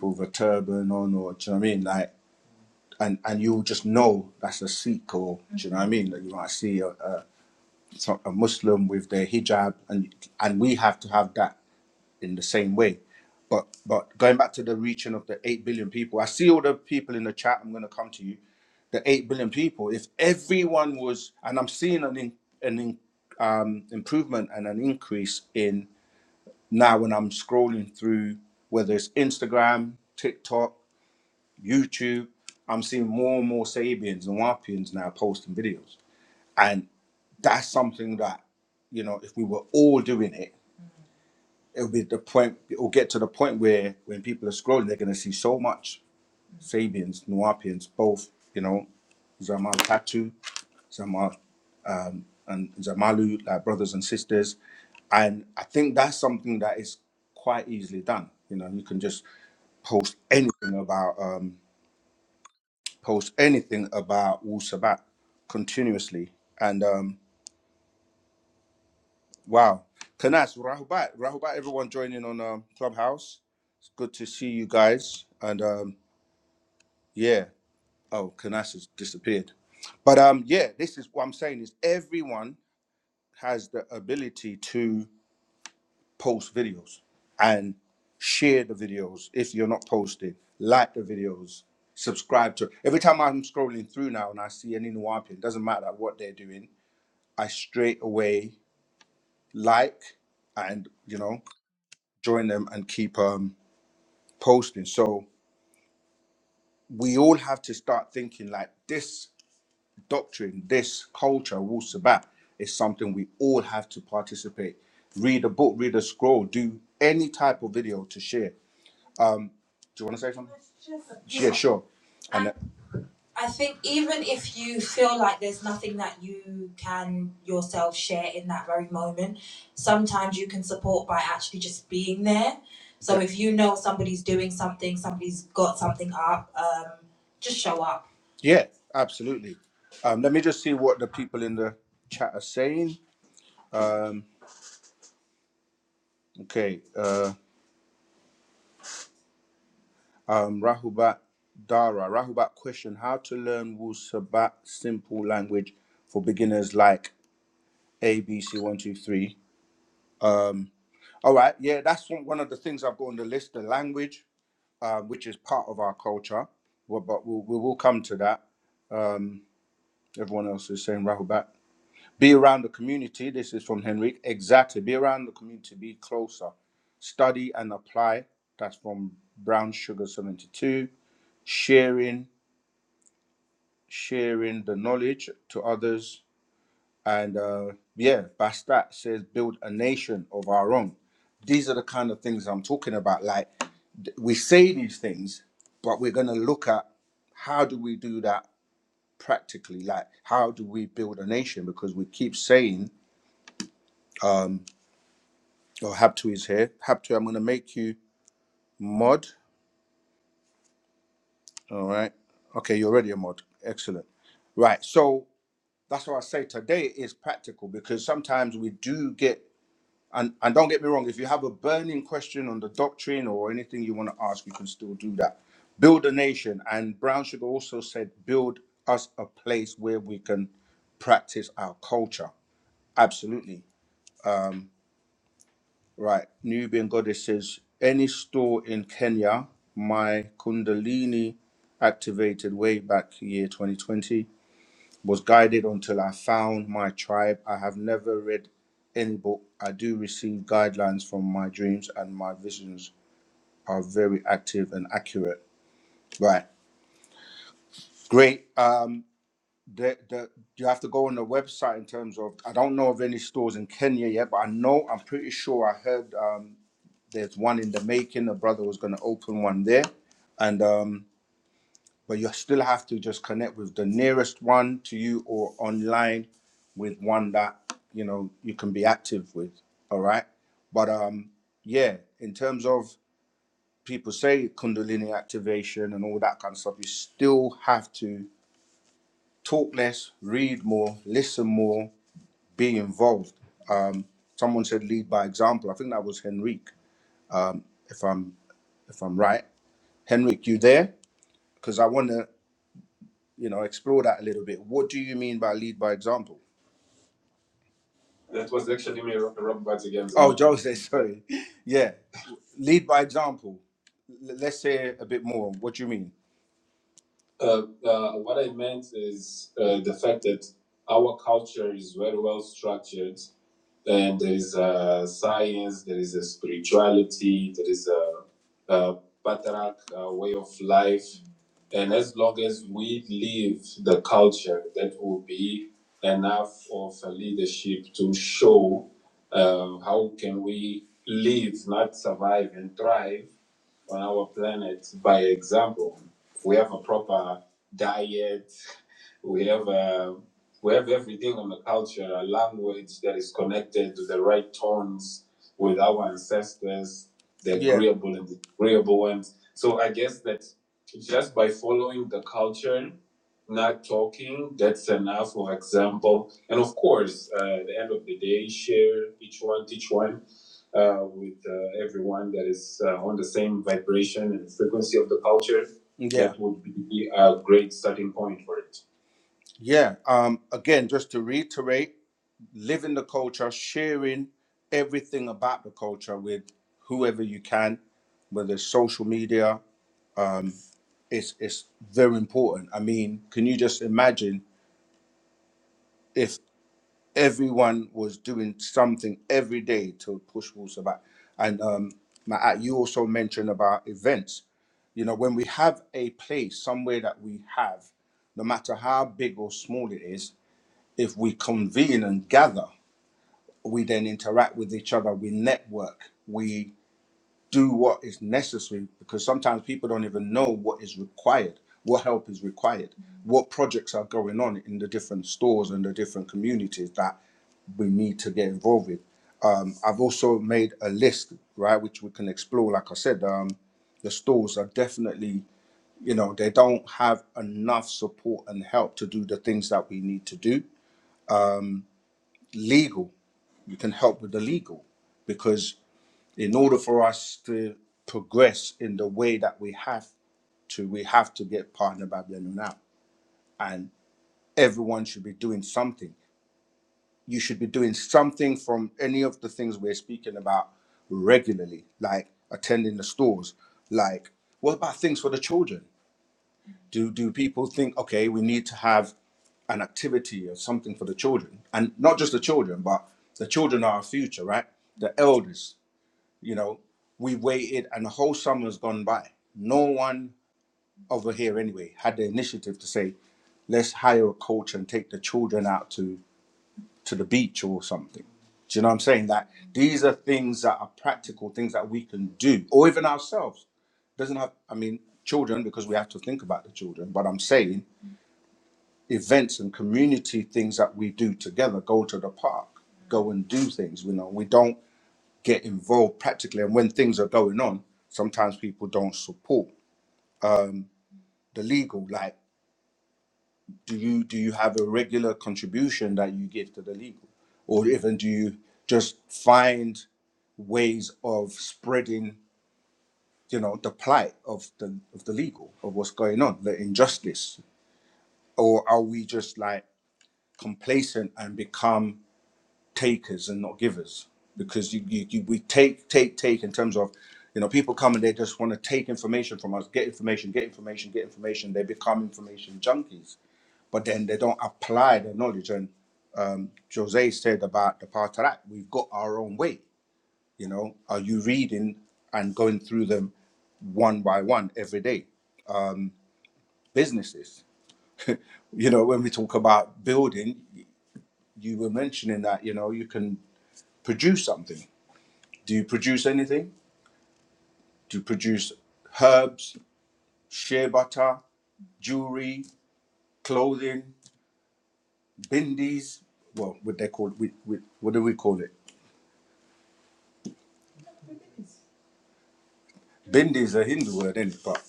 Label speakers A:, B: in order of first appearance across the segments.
A: with a turban on, or do you know what I mean? Like, and and you'll just know that's a Sikh, or do you know what I mean? That like, you might see a, a so- a Muslim with their hijab, and and we have to have that in the same way. But but going back to the reaching of the eight billion people, I see all the people in the chat. I'm going to come to you. The eight billion people. If everyone was, and I'm seeing an in, an in, um, improvement and an increase in now when I'm scrolling through, whether it's Instagram, TikTok. YouTube, I'm seeing more and more Sabians and Wapians now posting videos. And that's something that, you know, if we were all doing it, it'll be the point, it'll get to the point where when people are scrolling, they're going to see so much Sabians, Nuapians, both, you know, Zamal Tatu, Zamal and Zamalu, like brothers and sisters. And I think that's something that is quite easily done. You know, you can just post anything about. um, post anything about Wu Sabat continuously. And um, wow, Kanas, Rahubat, Rahubat, everyone joining on um, Clubhouse. It's good to see you guys. And um, yeah, oh, Kanas has disappeared. But um, yeah, this is what I'm saying is everyone has the ability to post videos and share the videos if you're not posting, like the videos, subscribe to. Every time I'm scrolling through now and I see any Nuwapian, doesn't matter what they're doing, I straight away like and you know join them and keep um posting. So we all have to start thinking like this doctrine, this culture, Wul Sabat is something we all have to participate. Read a book, read a scroll, do any type of video to share. Do you want to say something? Yeah, sure. And I think even if you feel like there's nothing that you can yourself share in that very moment, sometimes you can support by actually just being there. So if you know somebody's doing something, somebody's got something up, um, just show up. Yeah, absolutely. Um, let me just see what the people in the chat are saying. Um, okay, uh, um, Rahubat Dara. Rahubat question How to learn Wusabat simple language for beginners like A, B, C, one, two, three. Um, all right, yeah, that's one, one of the things I've got on the list, the language, uh, which is part of our culture. Well, but we'll, we will come to that. Um, everyone else is saying rattle back. Be around the community. This is from Henrik. Exactly. Be around the community. Be closer. Study and apply. That's from Brown Sugar 72. Sharing, sharing the knowledge to others And uh, yeah, Bastat says build a nation of our own. These are the kind of things I'm talking about. Like we say these things, but we're going to look at how do we do that practically? Like how do we build a nation? Because we keep saying, oh, Habtu is here. Habtu, I'm going to make you mod. All right. Okay, you're already a mod. Excellent. Right. So that's why I say today is practical because sometimes we do get And and don't get me wrong, if you have a burning question on the doctrine or anything you want to ask, you can still do that. Build a nation. And Brown Sugar also said, build us a place where we can practice our culture. Absolutely. Right. Nubian Goddess says, any store in Kenya, my Kundalini activated way back year 2020 was guided until I found my tribe. I have never read any book. I do receive guidelines from my dreams and my visions are very active and accurate. Right. Great. Um, the, the, you have to go on the website in terms of, I don't know of any stores in Kenya yet, but I know, I'm pretty sure I heard um, there's one in the making. A brother was going to open one there. And, um, but you still have to just connect with the nearest one to you or online with one that, you know, you can be active with. All right. But um, yeah, in terms of people say kundalini activation and all that kind of stuff you still have to talk less read more listen more be involved um, someone said lead by example i think that was henrique if i'm if i'm right henrique you there because i want to you know explore that a little bit what do you mean by lead by example That was actually me, Rob Rob Bats again. oh jose sorry yeah lead by example L- let's say a bit more what do you mean Uh, uh, what I meant is uh, the fact that our culture is very well structured, and there is a science, there is a spirituality, there is a, a patriarch uh, way of life, and as long as we live the culture, that will be enough of a leadership to show um, how can we live, not survive and thrive on our planet by example we have a proper diet, we have a, we have everything on the culture, a language that is connected to the right tones with our ancestors, the Yeah. agreeable yeah. and disagreeable ones. So I guess that just by following the culture, not talking, that's enough. For example, and of course, uh, at the end of the day, share each one, teach one uh, with uh, everyone that is uh, on the same vibration and frequency of the culture yeah. that would be a great starting point for it. Yeah. Um, again, just to reiterate, living the culture, sharing everything about the culture with whoever you can, whether it's social media, um, it's it's very important. I mean, can you just imagine if everyone was doing something every day to push Wolves back. And um, Matt, you also mentioned about events. You know, when we have a place somewhere that we have, no matter how big or small it is, if we convene and gather, we then interact with each other, we network, We do what is necessary because sometimes people don't even know what is required, what help is required, what projects are going on in the different stores and the different communities that we need to get involved with. Um, I've also made a list, right, which we can explore. Like I said, um, the stores are definitely, you know, they don't have enough support and help to do the things that we need to do. Legal, you can help with the legal because in order for us to progress in the way that we have to, we have to get partner Babylon out. And everyone should be doing something. You should be doing something from any of the things we're speaking about regularly, like attending the stores. Like, what about things for the children? Do do people think, okay, we need to have an activity or something for the children? And not just the children, but the children are our future, right? The elders. You know, we waited, and the whole summer's gone by. No one over here, anyway, had the initiative to say, let's hire a coach and take the children out to to the beach or something. Do you know what I'm saying? That these are things that are practical, things that we can do, or even ourselves. Doesn't have, I mean, children because we have to think about the children. But I'm saying events and community things that we do together. Go to the park, go and do things. You know, we don't get involved practically. And when things are going on, sometimes people don't support um, the legal. Like, do you do you have a regular contribution that you give to the legal, or even do you just find ways of spreading, you know, the plight of the of the legal of what's going on, the injustice, or are we just like complacent and become takers and not givers because you, you, you we take take take in terms of you know people come and they just want to take information from us get information get information get information they become information junkies but then they don't apply their knowledge and um, jose said about the part of that we've got our own way you know are you reading and going through them one by one every day businesses you know when we talk about building you were mentioning that you know you can produce something do you produce anything to produce herbs, shea butter, jewelry, clothing, bindis. Well, what they call we, we, what do we call it? Bindi is a Hindu word, isn't it? But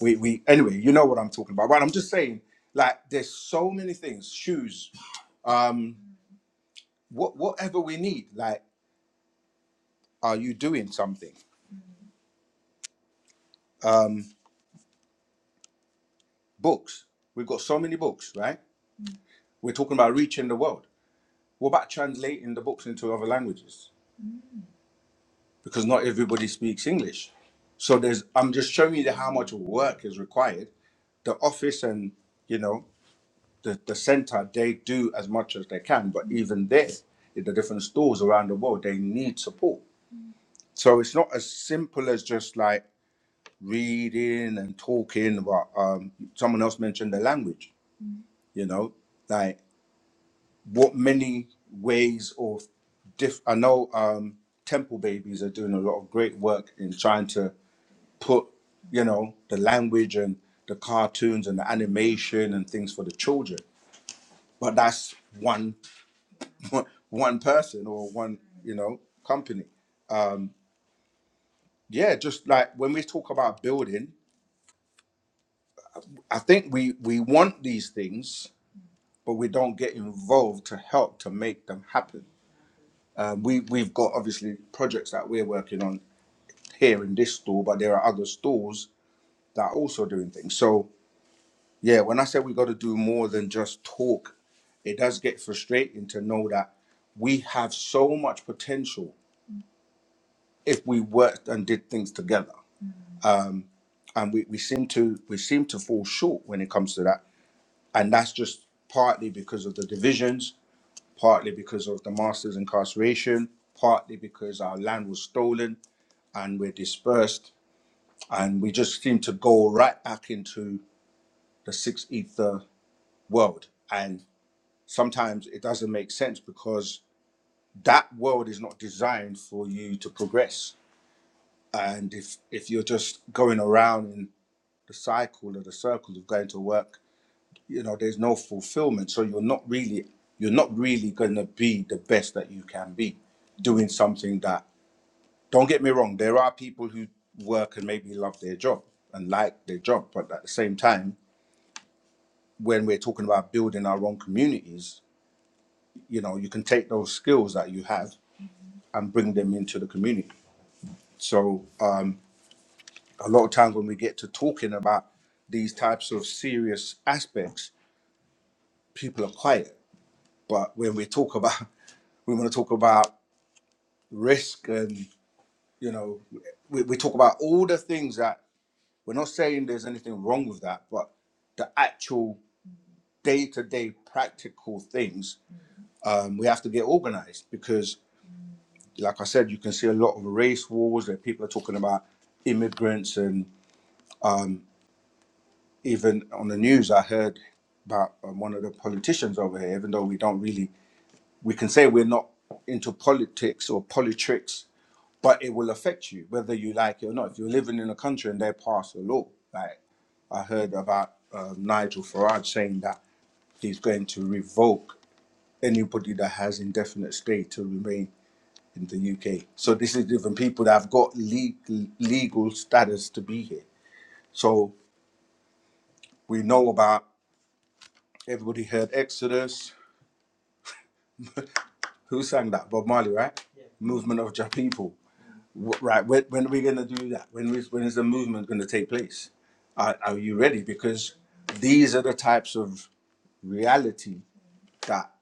A: we, we anyway, you know what I'm talking about. But I'm just saying, like, there's so many things, shoes, um, what whatever we need. Like, are you doing something? Um, books. We've got so many books, right? We're talking about reaching the world. What about translating the books into other languages? because not everybody speaks English. So there's I'm just showing you how much work is required. The office and you know the, the center they do as much as they can, but even there, in the different stores around the world, they need support. So it's not as simple as just like reading and talking about um, someone else mentioned the language, you know, like what many ways of. diff I know um, Temple Babies are doing a lot of great work in trying to put you know the language and the cartoons and the animation and things for the children but that's one one person or one you know company yeah just like when we talk about building i think we we want these things but we don't get involved to help to make them happen um, we we've got obviously projects that we're working on here in this store but there are other stores that are also doing things So. Yeah, when I said we got to do more than just talk, it does get frustrating to know that we have so much potential if we worked and did things together. Um, and we, we seem to we seem to fall short when it comes to that. And that's just partly because of the divisions, partly because of the master's incarceration, partly because our land was stolen and we're dispersed. And we just seem to go right back into the six ether world. and. sometimes it doesn't make sense because that world is not designed for you to progress. And if if you're just going around in the cycle or the circle of going to work, you know, there's no fulfillment. So you're not really you're not really going to be the best that you can be doing something that don't get me wrong, there are people who work and maybe love their job and like their job, but at the same time, when we're talking about building our own communities, you know, you can take those skills that you have and bring them into the community. So um, a lot of times when we get to talking about these types of serious aspects, people are quiet. But when we talk about, we want to talk about risk and, you know, we, we talk about all the things that we're not saying there's anything wrong with that, but the actual day to day practical things, um, we have to get organized because, like I said, you can see a lot of race wars where people are talking about immigrants and. even on the news, I heard about um, one of the politicians over here, even though we don't really, we can say we're not into politics or politricks, but it will affect you whether you like it or not. If you're living in a country and they pass a law, like I heard about um, Nigel Farage saying that he's going to revoke anybody that has indefinite stay to remain in the UK. So this is even people that have got legal, legal status to be here. So we know about everybody heard Exodus, Who sang that? Bob Marley, right? Yeah. Movement of your people. Right. When, when are we going to do that? When is, when is the movement going to take place? Are, are you ready? Because these are the types of reality that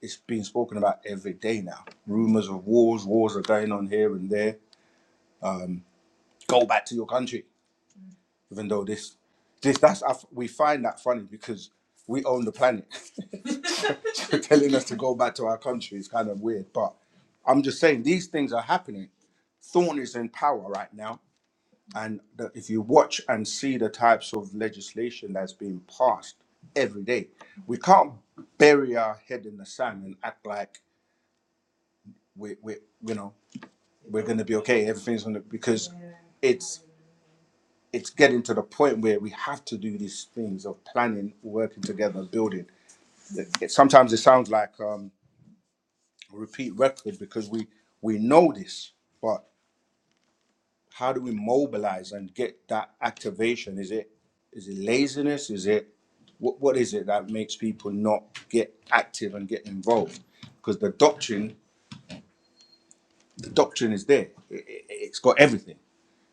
A: is being spoken about every day now. Rumors of wars, wars are going on here and there. Go back to your country, even though this, this that's we find that funny because we own the planet. telling us to go back to our country is kind of weird. But I'm just saying these things are happening. Thorn is in power right now. And the, if you watch and see the types of legislation that's being passed every day, we can't bury our head in the sand and act like we, we you know, we're going to be okay. Everything's going to, because it's, it's getting to the point where we have to do these things of planning, working together, building. It, sometimes it sounds like, um, repeat record because we we know this but how do we mobilize and get that activation is it is it laziness is it what, what is it that makes people not get active and get involved because the doctrine the doctrine is there it, it, it's got everything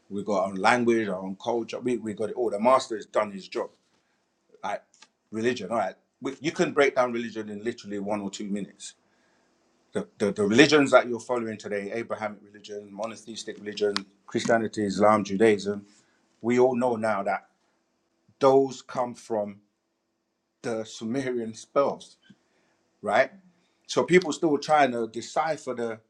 A: we've got our own language our own culture we, we got it all the master has done his job like religion all right we, you can break down religion in literally one or two minutes the, the, the religions that you're following today, Abrahamic religion, monotheistic religion, Christianity, Islam, Judaism, we all know now that those come from the Sumerian spells, right? So people still trying to decipher the,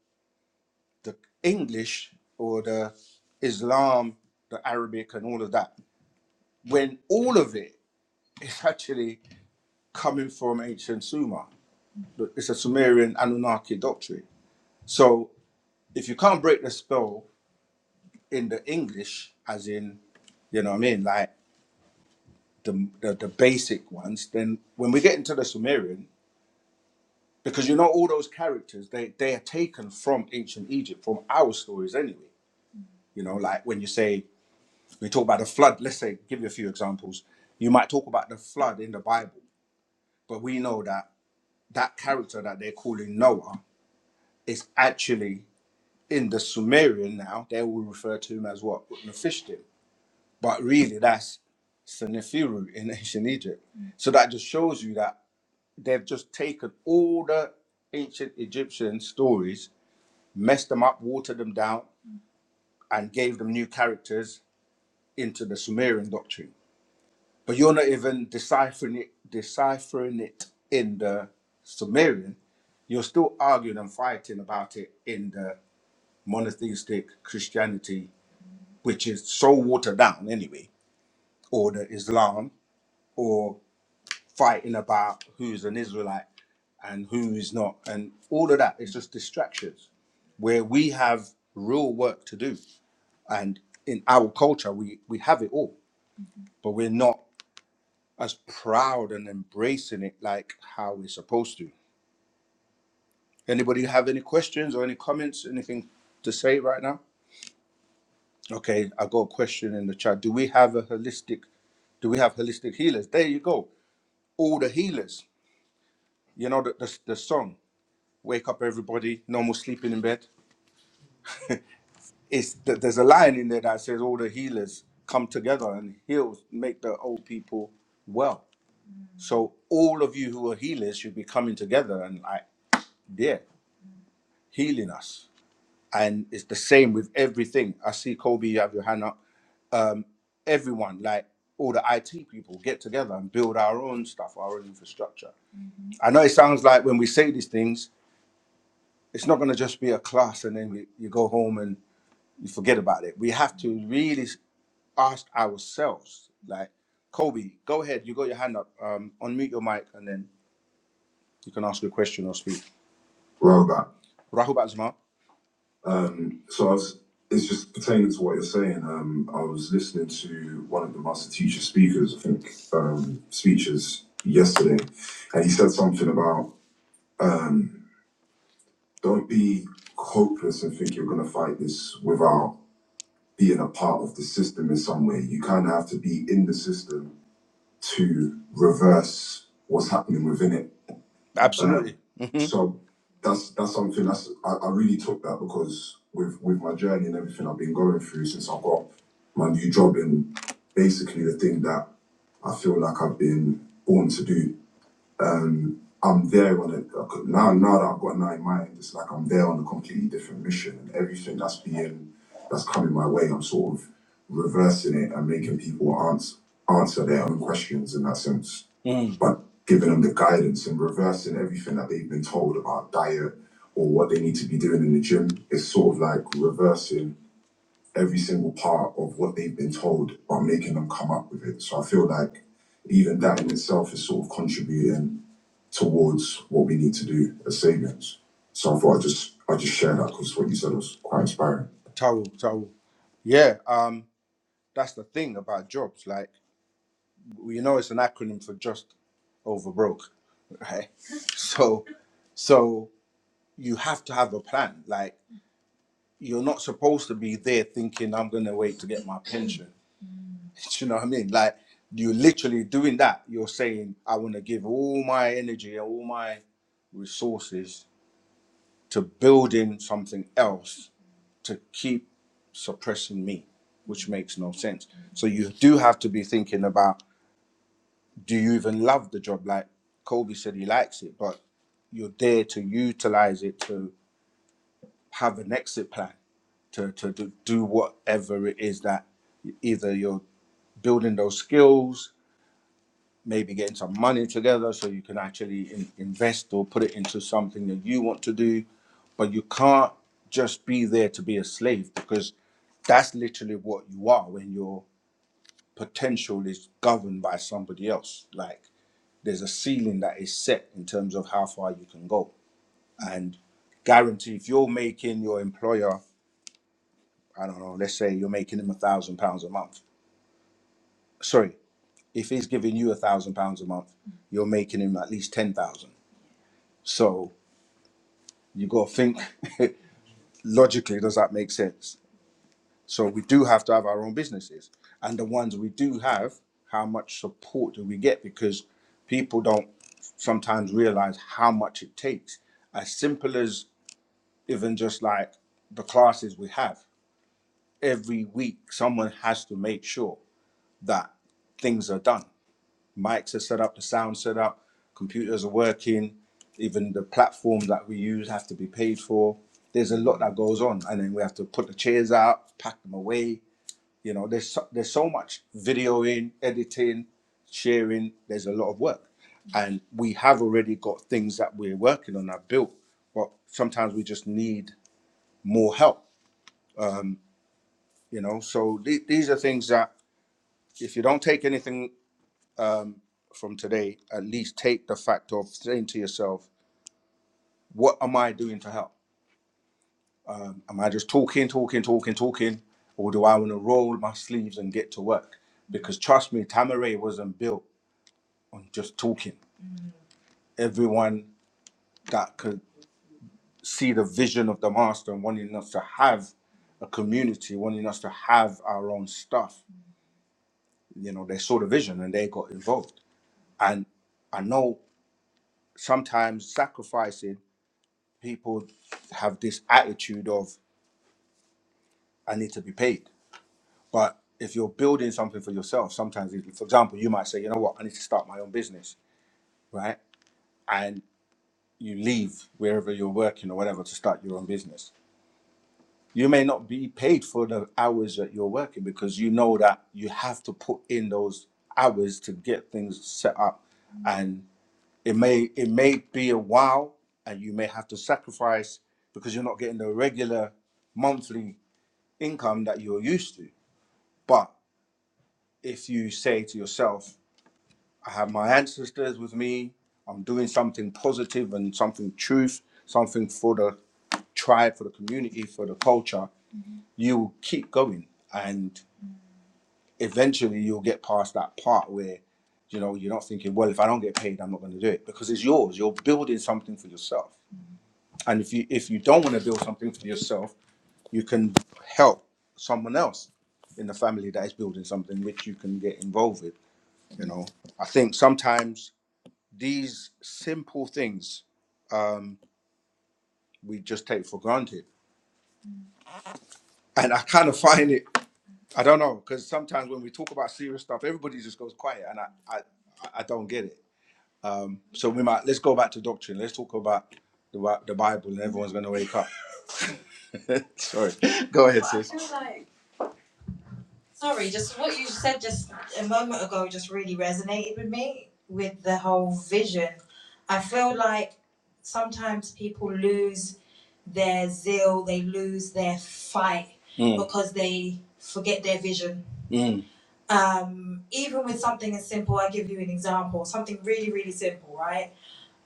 A: the English or the Islam, the Arabic, and all of that, when all of it is actually coming from ancient Sumer. It's a Sumerian Anunnaki doctrine. So if you can't break the spell, in the English, as in, you know what I mean, like the, the the basic ones. Then when we get into the Sumerian, because you know all those characters, they they are taken from ancient Egypt, from our stories anyway. You know, like when you say we talk about the flood. Let's say, give you a few examples. You might talk about the flood in the Bible, but we know that that character that they're calling Noah is actually in the Sumerian now. They will refer to him as what Nephishtim But really, that's Senefiru in ancient Egypt. Mm. So that just shows you that they've just taken all the ancient Egyptian stories, messed them up, watered them down, and gave them new characters into the Sumerian doctrine. But you're not even deciphering it, deciphering it in the Sumerian. You're still arguing and fighting about it in the monotheistic Christianity, which is so watered down anyway, or the Islam, or fighting about who's an Israelite and who is not, and all of that is just distractions where we have real work to do. And in our culture, we, we have it all, but we're not as proud and embracing it like how we're supposed to. Anybody have any questions or any comments, anything to say right now? Okay, I got a question in the chat. Do we have a holistic, do we have holistic healers? There you go. All the healers, you know, the, the, the song. wake up everybody, normal sleeping in bed. It's there's a line in there that says all the healers come together and heal, make the old people well. So all of you who are healers should be coming together and like, yeah, healing us. And it's the same with everything. I see Kobe, you have your hand up. Um, everyone, like all the IT people, get together and build our own stuff, our own infrastructure. I know it sounds like when we say these things, it's not going to just be a class and then we, you go home and You forget about it. We have to really ask ourselves, like, Kobe, go ahead, you got your hand up, um, unmute your mic, and then you can ask your question or speak. Rahul Bazma. Um, so I was, it's just pertaining to what you're saying. Um, I was listening to one of the master teacher speakers, I think, um, speeches yesterday, and he said something about um, don't be hopeless and think you're going to fight this without. being a part of the system in some way. You kind of have to be in the system to reverse what's happening within it. Um, Absolutely. hmm so that's that's something that's I, I really took that because with with my journey and everything I've been going through since I got my new job and basically the thing that I feel like I've been born to do um, I'm there on a now now that I've got nine mind, it's like I'm there on a completely different mission, and everything that's being that's coming my way, I'm sort of reversing it and making people answer answer their own questions in that sense, Mm. but giving them the guidance and reversing everything that they've been told about diet or what they need to be doing in the gym. It's sort of like reversing every single part of what they've been told, but making them come up with it. So I feel like even that in itself is sort of contributing towards what we need to do as Sabians. So I thought I'd just, I'd just share that because what you said was quite inspiring. Towel, towel. Yeah, um, that's the thing about jobs. Like, you know, it's an acronym for just over broke, right? So, so you have to have a plan. Like, you're not supposed to be there thinking, I'm going to wait to get my pension. Do you know what I mean? Like, you're literally doing that. You're saying, I want to give all my energy, all my resources to building something else to keep suppressing me, which makes no sense. So you do have to be thinking about do you even love the job? Like Kobe said, he likes it, but you're there to utilize it to have an exit plan to, to do, do whatever it is that either you're building those skills maybe getting some money together so you can actually in- invest or put it into something that you want to do. But you can't just be there to be a slave because that's literally what you are when your potential is governed by somebody else. Like there's a ceiling that is set in terms of how far you can go. And guarantee if you're making your employer, I don't know, let's say you're making him a thousand pounds a month. Sorry, if he's giving you a thousand pounds a month, you're making him at least ten thousand. So you got to think logically does that make sense so we do have to have our own businesses and the ones we do have how much support do we get because people don't sometimes realize how much it takes as simple as even just like the classes we have every week someone has to make sure that things are done mics are set up, the sound set up, computers are working, even the platforms that we use have to be paid for. There's a lot that goes on, and then we have to put the chairs out, pack them away. You know, there's so, there's so much videoing, editing, sharing. There's a lot of work, and we have already got things that we're working on. that built, but sometimes we just need more help. You know, so the- these are things that if you don't take anything from today, at least take the fact of saying to yourself, What am I doing to help? Am I just talking, talking, talking, talking? Or do I want to roll my sleeves and get to work? Because trust me, Tamaray wasn't built on just talking. Everyone that could see the vision of the master and wanting us to have a community, wanting us to have our own stuff, you know, they saw the vision and they got involved. And I know sometimes sacrificing, people have this attitude of, I need to be paid. But if you're building something for yourself, sometimes, it- for example, you might say, you know what, I need to start my own business, right? And you leave wherever you're working or whatever to start your own business. You may not be paid for the hours that you're working because you know that you have to put in those hours to get things set up, and it may it may be a while, and you may have to sacrifice because you're not getting the regular monthly income that you're used to. But if you say to yourself, I have my ancestors with me. I'm doing something positive and something truth, something for the tribe, for the community, for the culture. You will keep going, and eventually you'll get past that part where, you know, you're not thinking, well, if I don't get paid, I'm not going to do it because it's yours. You're building something for yourself, and if you if you don't want to build something for yourself, you can help someone else in the family that is building something which you can get involved with. You know, I think sometimes these simple things um, we just take for granted. And I kind of find it, I don't know, because sometimes when we talk about serious stuff, everybody just goes quiet and I, I, I don't get it. Um, so we might, let's go back to doctrine. Let's talk about the, the Bible and everyone's going to wake up. Sorry. Go ahead, sis. Sorry, just what you said just a moment ago just really resonated with me with the whole vision. I feel like sometimes people lose their zeal, they lose their fight Mm, because they forget their vision. mm, Um, even with something as simple, I give you an example, something really, really simple, right?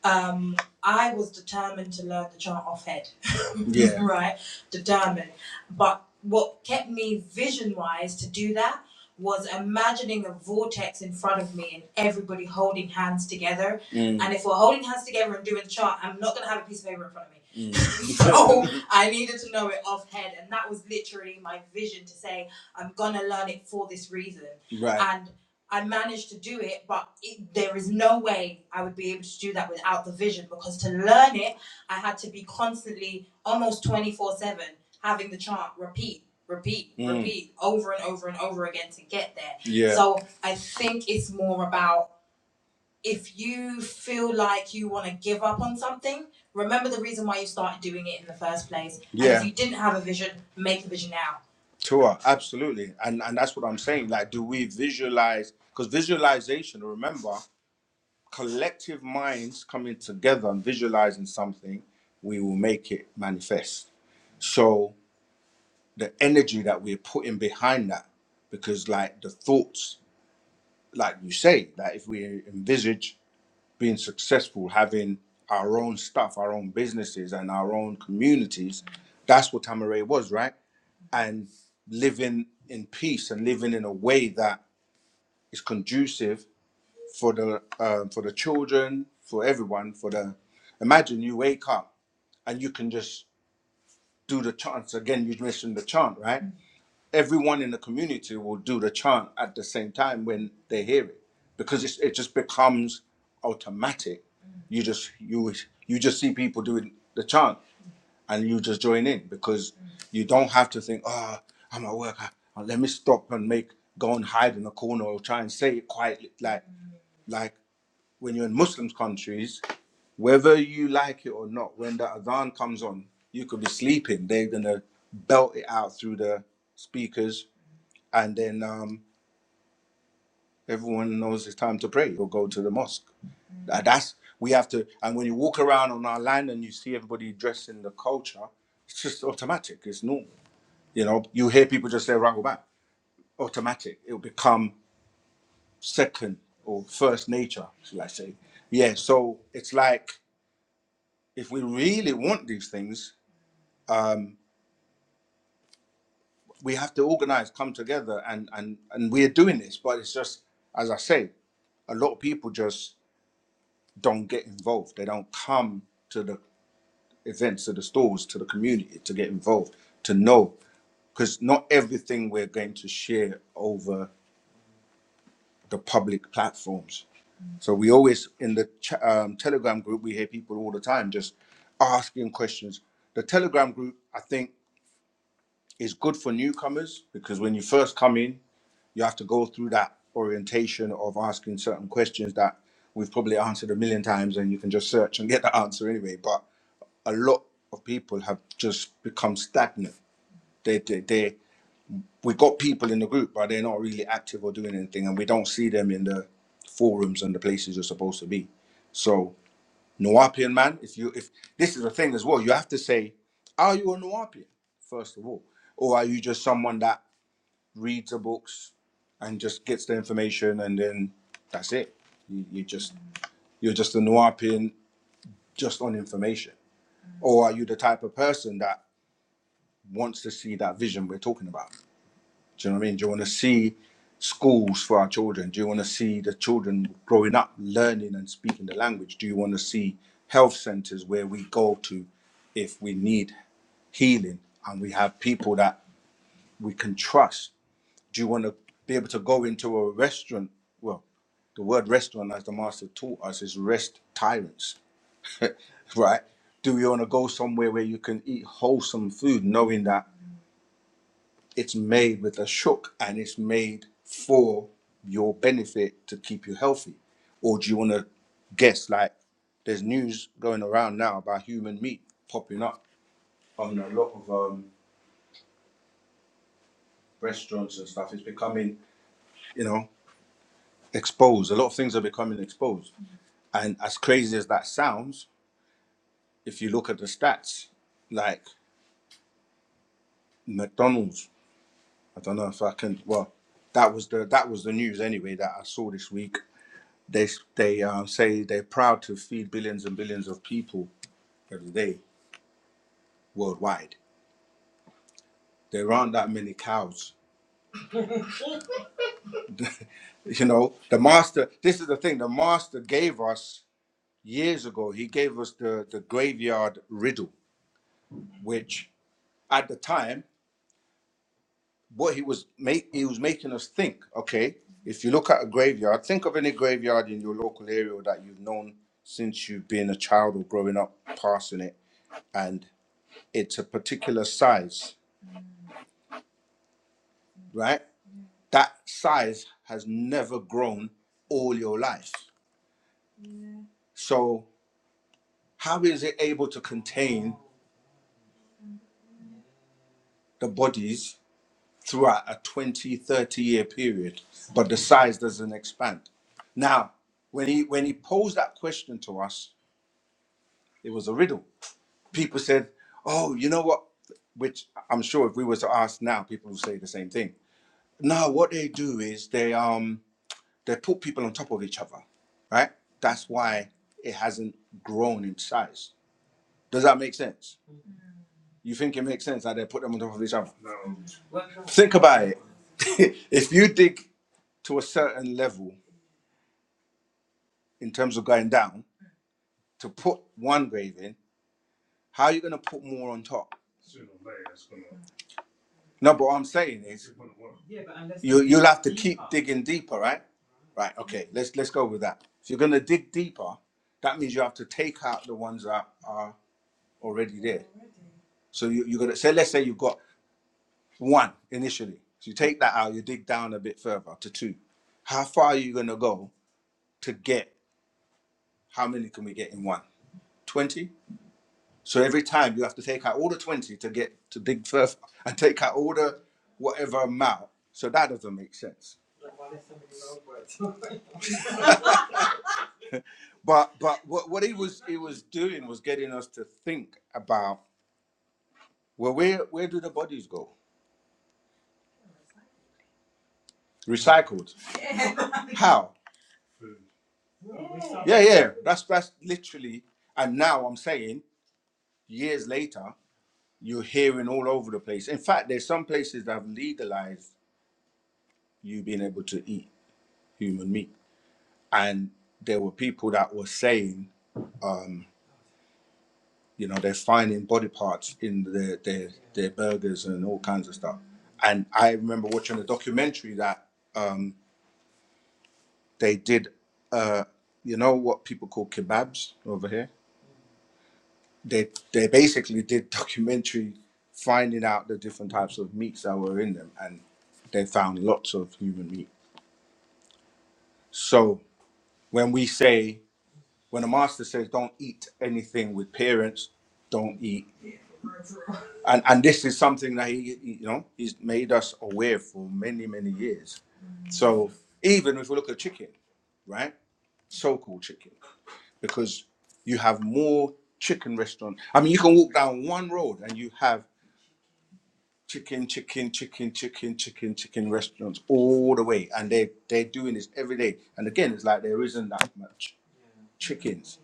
A: um, I was determined to learn the chant off head. Yeah. right? Determined. But what kept me vision wise to do that was imagining a vortex in front of me and everybody holding hands together. Mm, And if we're holding hands together and doing the chart, I'm not going to have a piece of paper in front of me. mm. so I needed to know it off head. And that was literally my vision to say, I'm going to learn it for this reason. right. And I managed to do it, but it, there is no way I would be able to do that without the vision because to learn it, I had to be constantly, almost 24 7, having the chant repeat, repeat, Mm. repeat over and over and over again to get there. Yeah. So I think it's more about if you feel like you want to give up on something, remember the reason why you started doing it in the first place. And Yeah, And if you didn't have a vision, make the vision now. Tua, absolutely. And and that's what I'm saying. Like, do we visualize? Because visualization, remember, collective minds coming together and visualizing something, we will make it manifest. So the energy that we're putting behind that, because like the thoughts, like you say, that if we envisage being successful, having our own stuff, our own businesses, and our own communities. That's what Tamaray was, right? And living in peace and living in a way that is conducive for the um, for the children, for everyone, for the. Imagine you wake up and you can just do the chants again. You mentioned the chant, right? everyone in the community will do the chant at the same time when they hear it because it's, it just becomes automatic Mm. you just you you just see people doing the chant and you just join in because mm. you don't have to think oh i'm at work I, let me stop and make go and hide in a corner or try and say it quietly like mm. like when you're in muslim countries whether you like it or not when the adhan comes on you could be sleeping they're gonna belt it out through the speakers and then um, everyone knows it's time to pray or go to the mosque. Tha- That's we have to. And when you walk around on our land and you see everybody dressed in the culture, it's just automatic. It's normal. You know, you hear people just say "Rahul automatic. It'll become second or first nature, shall I say? Yeah. So it's like if we really want these things, we have to organize, come together, and and and we're doing this. But it's just as I say, a lot of people just don't get involved. They don't come to the events, to the stores, to the community to get involved, to know. Because not everything we're going to share over the public platforms. So we always, in the um, Telegram group, we hear people all the time just asking questions. The Telegram group, I think, is good for newcomers because when you first come in, you have to go through that orientation of asking certain questions that we've probably answered a million times and you can just search and get the answer anyway. But a lot of people have just become stagnant. They, they, they, we got people in the group, but they're not really active or doing anything, and we don't see them in the forums and the places you're supposed to be. So, Nuwapian man, if you, if this is a thing as well, you have to say, are you a Nuwapian first of all, or are you just someone that reads the books and just gets the information and then that's it? You, you just, you're just a Nuwapian just on information, or are you the type of person that wants to see that vision we're talking about. Do you know what I mean? Do you want to see schools for our children? Do you want to see the children growing up learning and speaking the language? Do you want to see health centers where we go to if we need healing and we have people that we can trust? Do you want to be able to go into a restaurant? Well, the word restaurant, as the master taught us, is rest tyrants, right? Do you want to go somewhere where you can eat wholesome food, knowing that? it's made with a shook and it's made for your benefit to keep you healthy? Or do you want to guess like there's news going around now about human meat popping up on a lot of um, restaurants and stuff? It's becoming, you know, exposed. A lot of things are becoming exposed. And as crazy as that sounds, if you look at the stats, like McDonald's, I don't know if I can, well, that was the that was the news anyway that I saw this week They they um, say they're proud to feed billions and billions of people every day worldwide. There aren't that many cows. You know, the master. This is the thing. The master gave us years ago. He gave us the the graveyard riddle, which at the time what he was make he was making us think. Okay, if you look at a graveyard, think of any graveyard in your local area that you've known since you've been a child or growing up, passing it, and it's a particular size, right? that size has never grown all your life. So, how is it able to contain the bodies throughout a 20, 30 year period, but the size doesn't expand? Now, when he, when he posed that question to us, it was a riddle. People said, Oh, you know what? Which I'm sure if we were to ask now, people would say the same thing. No, what they do is they um they put people on top of each other, right? That's why it hasn't grown in size Does that make sense? You think it makes sense that they put them on top of each other? Think about it. if you dig to a certain level in terms of going down to put one grave in, how are you going to put more on top? No, but what I'm saying is you you'll have to dig in deeper, right? Right. Okay. Let's let's go with that. If you're going to dig deeper, that means you have to take out the ones that are already there. So you, you're going to say, let's say you've got one initially. So you take that out, you dig down a bit further to two. How far are you going to go to get how many can we get in one? 20? So every time you have to take out all the 20 to get to dig further and take out all the whatever amount. So that doesn't make sense. But but what, what he was he was doing was getting us to think about well where where do the bodies go? Recycled. How? Yeah, yeah. That's that's literally and now I'm saying years later, you're hearing all over the place. In fact, there's some places that have legalized you being able to eat human meat and there were people that were saying, um, you know, they're finding body parts in their their their burgers and all kinds of stuff. And I remember watching a documentary that um, they did, uh, you know, what people call kebabs over here. They they basically did documentary finding out the different types of meats that were in them, and they found lots of human meat. So when we say, when a master says, don't eat anything with parents, don't eat and and this is something that he he- you know he's made us aware for many many years so even if we look at chicken right so-called chicken because you have more chicken restaurant i mean you can walk down one road and you have chicken chicken chicken chicken chicken chicken restaurants all the way and they they're doing this every day and again it's like there isn't that much chickens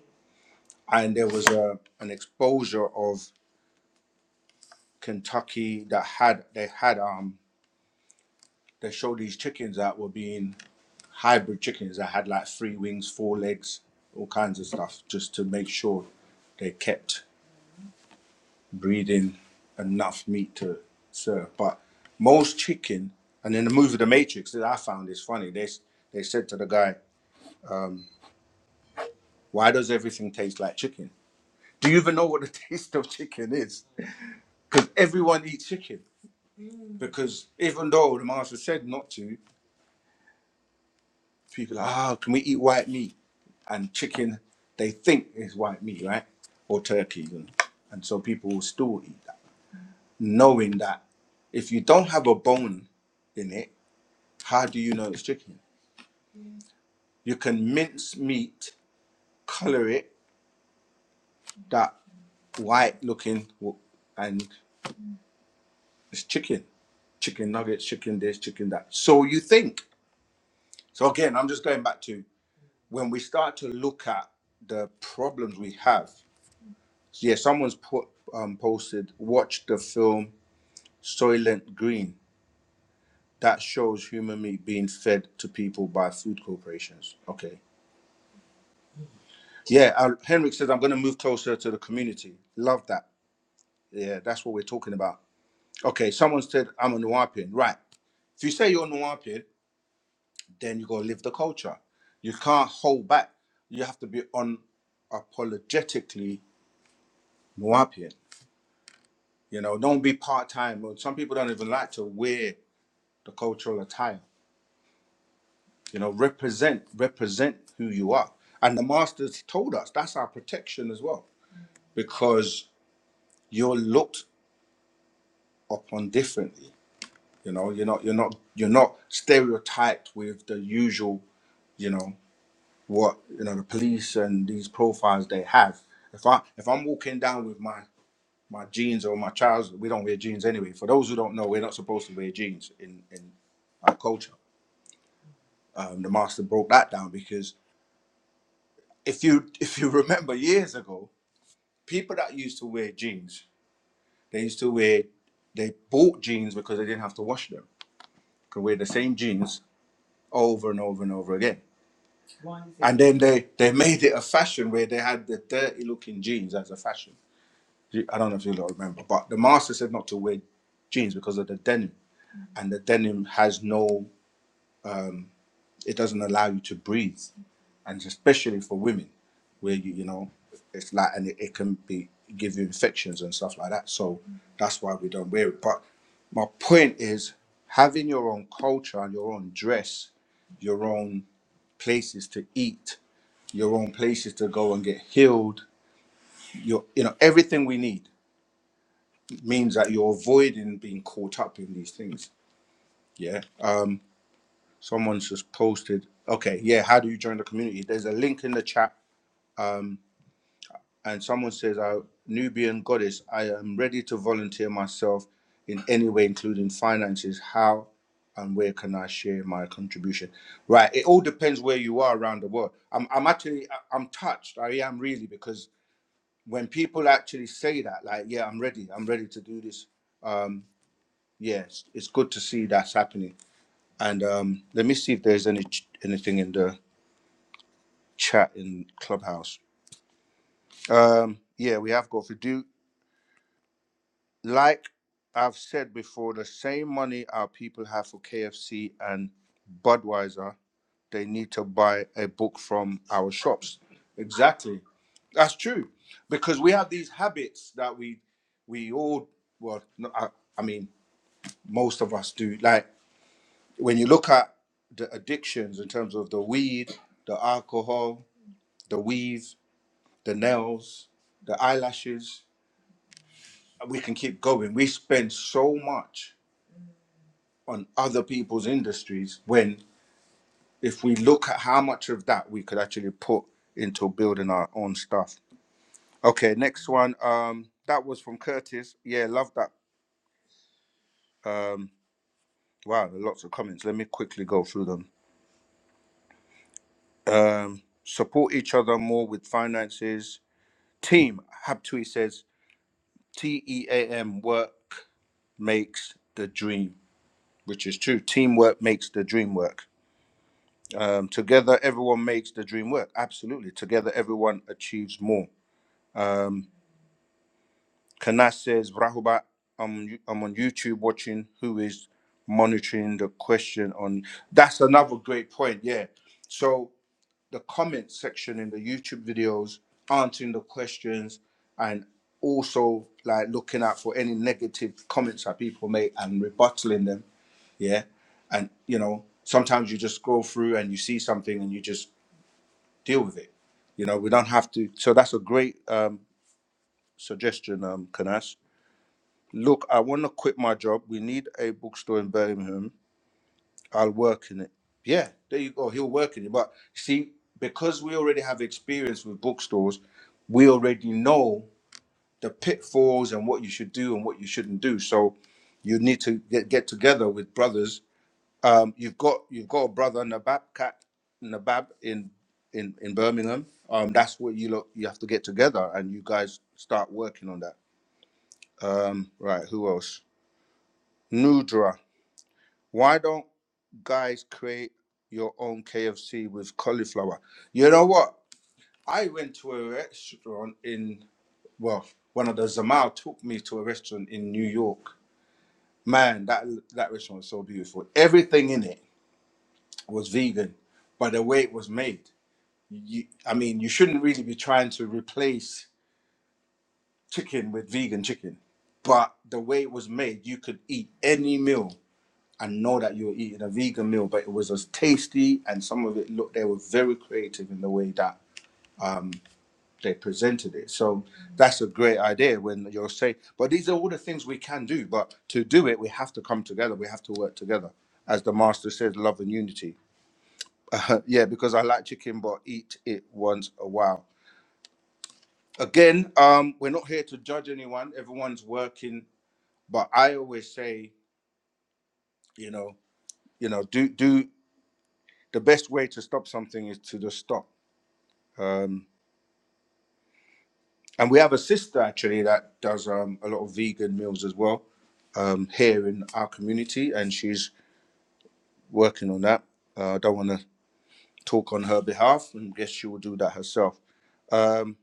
A: and there was a an exposure of kentucky that had they had um they showed these chickens that were being hybrid chickens that had like three wings, four legs, all kinds of stuff, just to make sure they kept breeding enough meat to serve. But most chicken, and in the movie The Matrix, that I found is funny. They they said to the guy, "Why does everything taste like chicken? Do you even know what the taste of chicken is? Because everyone eats chicken. Because even though the master said not to." people are like, oh, can we eat white meat? And chicken, they think is white meat, right? Or turkey. And, and so people will still eat that, knowing that if you don't have a bone in it, how do you know it's chicken? You can mince meat, color it that white looking, w- and it's chicken. Chicken nuggets, chicken this, chicken that. So you think. So again, I'm just going back to when we start to look at the problems we have yeah, someone's put um, posted. Watch the film Soylent Green. That shows human meat being fed to people by food corporations. Okay. Yeah, uh, Henrik says I'm going to move closer to the community. Love that. Yeah, that's what we're talking about. Okay, someone said I'm a Nuapian. Right. If you say you're a then you got to live the culture. You can't hold back. You have to be unapologetically Nuapian. You know, don't be part time. Some people don't even like to wear the cultural attire. You know, represent, represent who you are. And the masters told us that's our protection as well, because you're looked upon differently. You know, you're not, you're not, you're not stereotyped with the usual. You know what? You know the police and these profiles they have. If I, if I'm walking down with my my jeans or my trousers, we don't wear jeans anyway. For those who don't know, we're not supposed to wear jeans in in our culture. Um, the master broke that down because if you if you remember years ago, people that used to wear jeans, they used to wear, they bought jeans because they didn't have to wash them. They Could wear the same jeans over and over and over again. And then they they made it a fashion where they had the dirty looking jeans as a fashion. I don't know if you lot remember, but the master said not to wear jeans because of the denim, and the denim has no, it doesn't allow you to breathe. and especially for women, where you you know, it's like and it, it can be give you infections and stuff like that. So that's why we don't wear it. But my point is having your own culture and your own dress, your own places to eat, your own places to go and get healed, your you know, everything we need means that you're avoiding being caught up in these things. Yeah. Um someone's just posted, okay, yeah, how do you join the community? There's a link in the chat Um, and someone says, "I Nubian goddess, I am ready to volunteer myself in any way, including finances. How and where can I share my contribution?" Right. It all depends where you are around the world. I'm, I'm actually, I- I'm touched. I am really because when people actually say that, like, "Yeah, I'm ready. I'm ready to do this." Um, yes, it's, it's good to see that's happening. And um, let me see if there's any ch- anything in the chat in Clubhouse. Um, yeah, we have got Fidu. like I've said before, the same money our people have for KFC and Budweiser, they need to buy a book from our shops. Exactly. That's true. Because we have these habits that we we all well no, I, I mean most of us do. Like when you look at the addictions in terms of the weed, the alcohol, the weave, the nails, the eyelashes, we can keep going. We spend so much. on other people's industries when if we look at how much of that we could actually put into building our own stuff. Okay, next one. Um, that was from Curtis. Yeah, love that. Um, wow, there are lots of comments. Let me quickly go through them. Um, support each other more with finances. Team Habtui says T E A M work makes the dream, which is true. Teamwork makes the dream work. Um, together, everyone makes the dream work. Absolutely. Together, everyone achieves more. Um, Kanas says, Rahubat, I'm, I'm on YouTube watching who is monitoring the question on. That's another great point. Yeah. So the comment section in the YouTube videos, answering the questions, and also like looking out for any negative comments that people make and rebuttaling them. Yeah. And, you know, sometimes you just scroll through and you see something and you just deal with it. You know, we don't have to. So that's a great um, suggestion, um, Kanas. Look, I want to quit my job. We need a bookstore in Birmingham. I'll work in it. Yeah, there you go. He'll work in it. But see, because we already have experience with bookstores, we already know the pitfalls and what you should do and what you shouldn't do. So you need to get, get together with brothers Um, you've got you've got a brother Nabab Cat Nabab in in in Birmingham. Um, that's where you look. You have to get together and you guys start working on that. Um, right. Who else? Nudra. Why don't guys create your own KFC with cauliflower? You know what? I went to a restaurant in well, one of the Zamal took me to a restaurant in New York. Man, that that restaurant was so beautiful. Everything in it was vegan, but the way it was made. you, I mean, you shouldn't really be trying to replace chicken with vegan chicken. But the way it was made, you could eat any meal and know that you were eating a vegan meal, but it was as tasty and some of it looked, they were very creative in the way that they presented it. So that's a great idea when you're saying, but these are all the things we can do. But to do it, we have to come together, we have to work together. As the master says, love and unity. yeah, because I like chicken, but eat it once a while. again, um, we're not here to judge anyone. Everyone's working, but I always say, you know, you know, do do the best way to stop something is to just stop. Um, and we have a sister actually that does um, a lot of vegan meals as well um, here in our community, and she's working on that. Uh, I don't want to talk on her behalf, and guess she will do that herself. Um,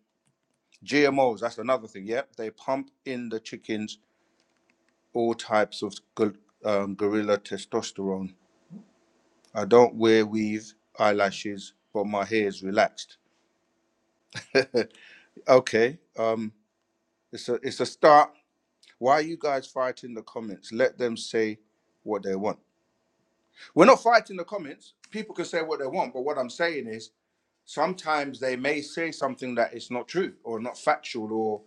A: GMOs, that's another thing. Yep, they pump in the chickens all types of gor- um, gorilla testosterone I don't wear weave eyelashes, but my hair is relaxed. okay, um, it's a it's a start. Why are you guys fighting the comments? Let them say what they want. We're not fighting the comments. People can say what they want, but what I'm saying is sometimes they may say something that is not true or not factual or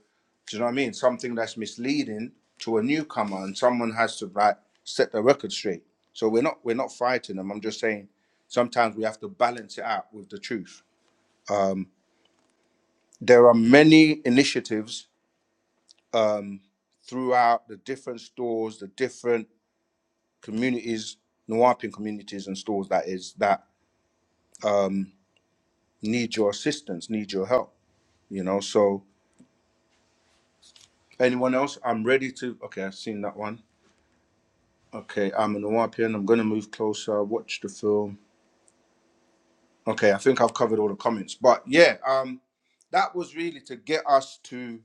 A: do you know what I mean? Something that's misleading to a newcomer, and someone has to like set the record straight. So we're not we're not fighting them. I'm just saying sometimes we have to balance it out with the truth. there are many initiatives um, throughout the different stores, the different communities, Nawapian communities and stores that is that um, need your assistance, need your help. You know, so anyone else? I'm ready to. Okay, I've seen that one. Okay, I'm a Nawapian. I'm gonna move closer. Watch the film. Okay, I think I've covered all the comments, but yeah, um, that was really to get us to.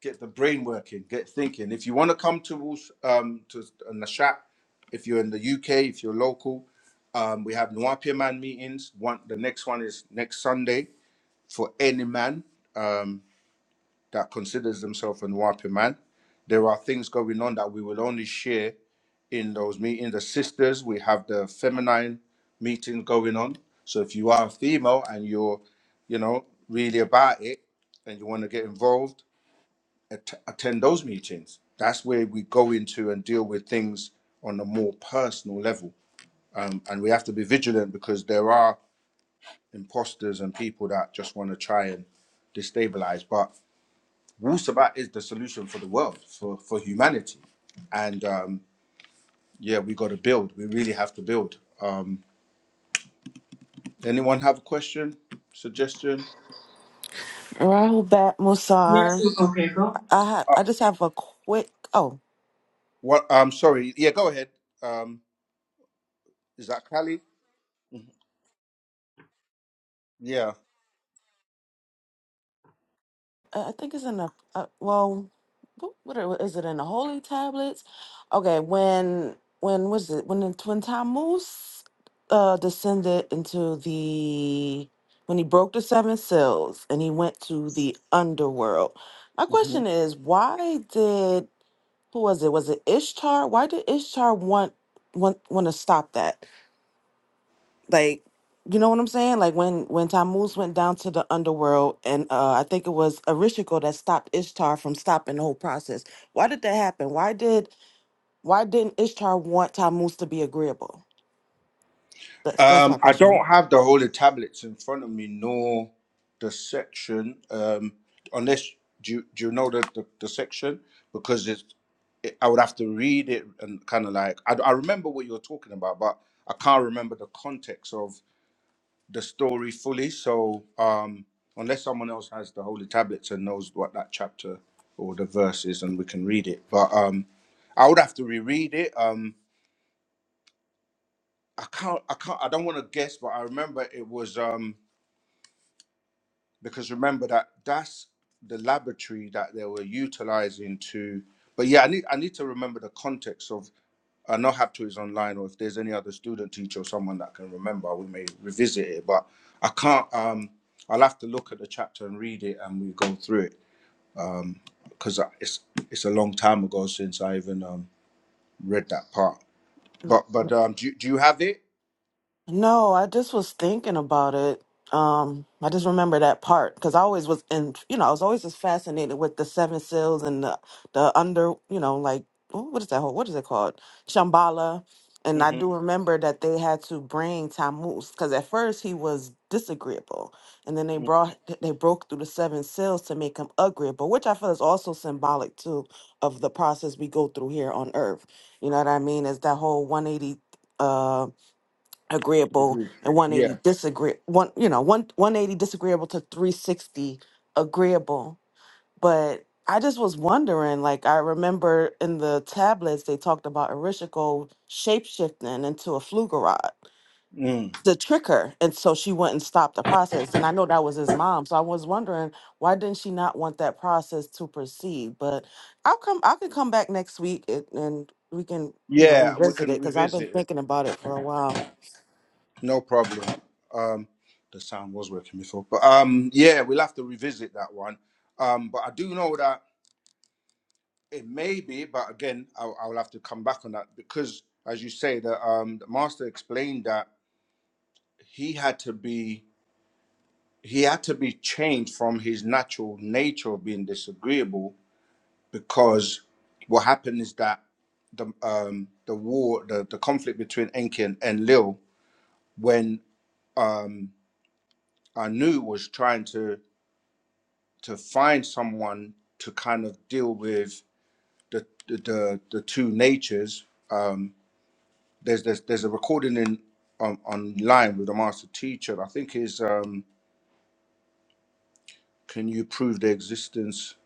A: get the brain working, get thinking. If you want to come to um to Nashat, if you're in the UK, if you're local, um, we have Nwapia Man meetings. One the next one is next Sunday for any man um, that considers themselves a Nwapia man. There are things going on that we will only share in those meetings. The sisters, we have the feminine meeting going on. So if you are a female and you're, you know, really about it and you want to get involved, at- attend those meetings. That's where we go into and deal with things on a more personal level. Um, and we have to be vigilant because there are imposters and people that just want to try and destabilize. But Wu Sabat is the solution for the world, for, for humanity. And um, yeah, we got to build. We really have to build. Um, anyone have a question, suggestion?
B: Rahul Bat Musar. I ha-
A: Uh,
B: I just have a quick. Oh,
A: what? I'm sorry. Yeah, go ahead. Um, is that Cali? Yeah.
B: I I think it's in the. Uh, well, what, what are, is it in the holy tablets? Okay, when when was it when the when Tammuz uh, descended into the when he broke the seven seals and he went to the underworld. My question is, why did who was it? Was it Ishtar? Why did Ishtar want want want to stop that? like you know what I'm saying? Like when when Tammuz went down to the underworld, and uh, I think it was Erishkigal that stopped Ishtar from stopping the whole process. Why did that happen? Why did why didn't Ishtar want Tammuz to be agreeable? That's that's my
A: Um, I
B: question.
A: don't have the whole of tablets in front of me, nor the section. Um, unless do you, do you know the, the, the section? Because it's, it, I would have to read it and kind of like I, I remember what you were talking about, but I can't remember the context of the story fully. So um, unless someone else has the holy tablets and knows what that chapter or the verse is, and we can read it, but um, I would have to reread it. Um, I can't. I can't. I don't want to guess, but I remember it was. Um, because remember that that's the laboratory that they were utilizing to but yeah i need i need to remember the context of i know hapto is online or if there's any other student teacher or someone that can remember we may revisit it but i can't um i'll have to look at the chapter and read it and we go through it because it's it's a long time ago since i even um read that part but but um do, you- do you have it
B: No, I just was thinking about it. Um, I just remember that part because I always was in, you know, I was always just fascinated with the seven seals and the, the under, you know, like wh- what is that whole, what is it called? Shambhala. And I
A: mm-hmm.
B: do remember that they had to bring Tammuz because at first he was disagreeable, and then they brought they broke through the seven seals to make him agreeable, which I feel is also symbolic too of the process we go through here on Earth. You know what I mean? Is that whole one eighty? uh, agreeable and
A: yeah
B: 180 disagree one you know one 180 disagreeable to 360 agreeable but i just was wondering like i remember in the tablets they talked about erishkigal shapeshifting into a flugerod
A: mm.
B: to trick her and so she wouldn't stop the process and i know that was his mom so i was wondering why didn't she not want that process to proceed but i'll come i can come back next week and, and we can you know
A: yeah we
B: revisit it
A: can
B: because i've been
A: revisit it
B: thinking about it for a while
A: No problem. Um, the sound was working before, but um, yeah, we'll have to revisit that one. Um, but I do know that it may be, but again, I'll, I'll have to come back on that because, as you say, the um, the master explained that he had to be he had to be changed from his natural nature of being disagreeable because what happened is that the um the war the, the conflict between Enki and Enlil when um Anu was trying to to find someone to kind of deal with the the the, the two natures. Um, there's there's there's a recording in on online with a master teacher. I think is um, can you prove their existence?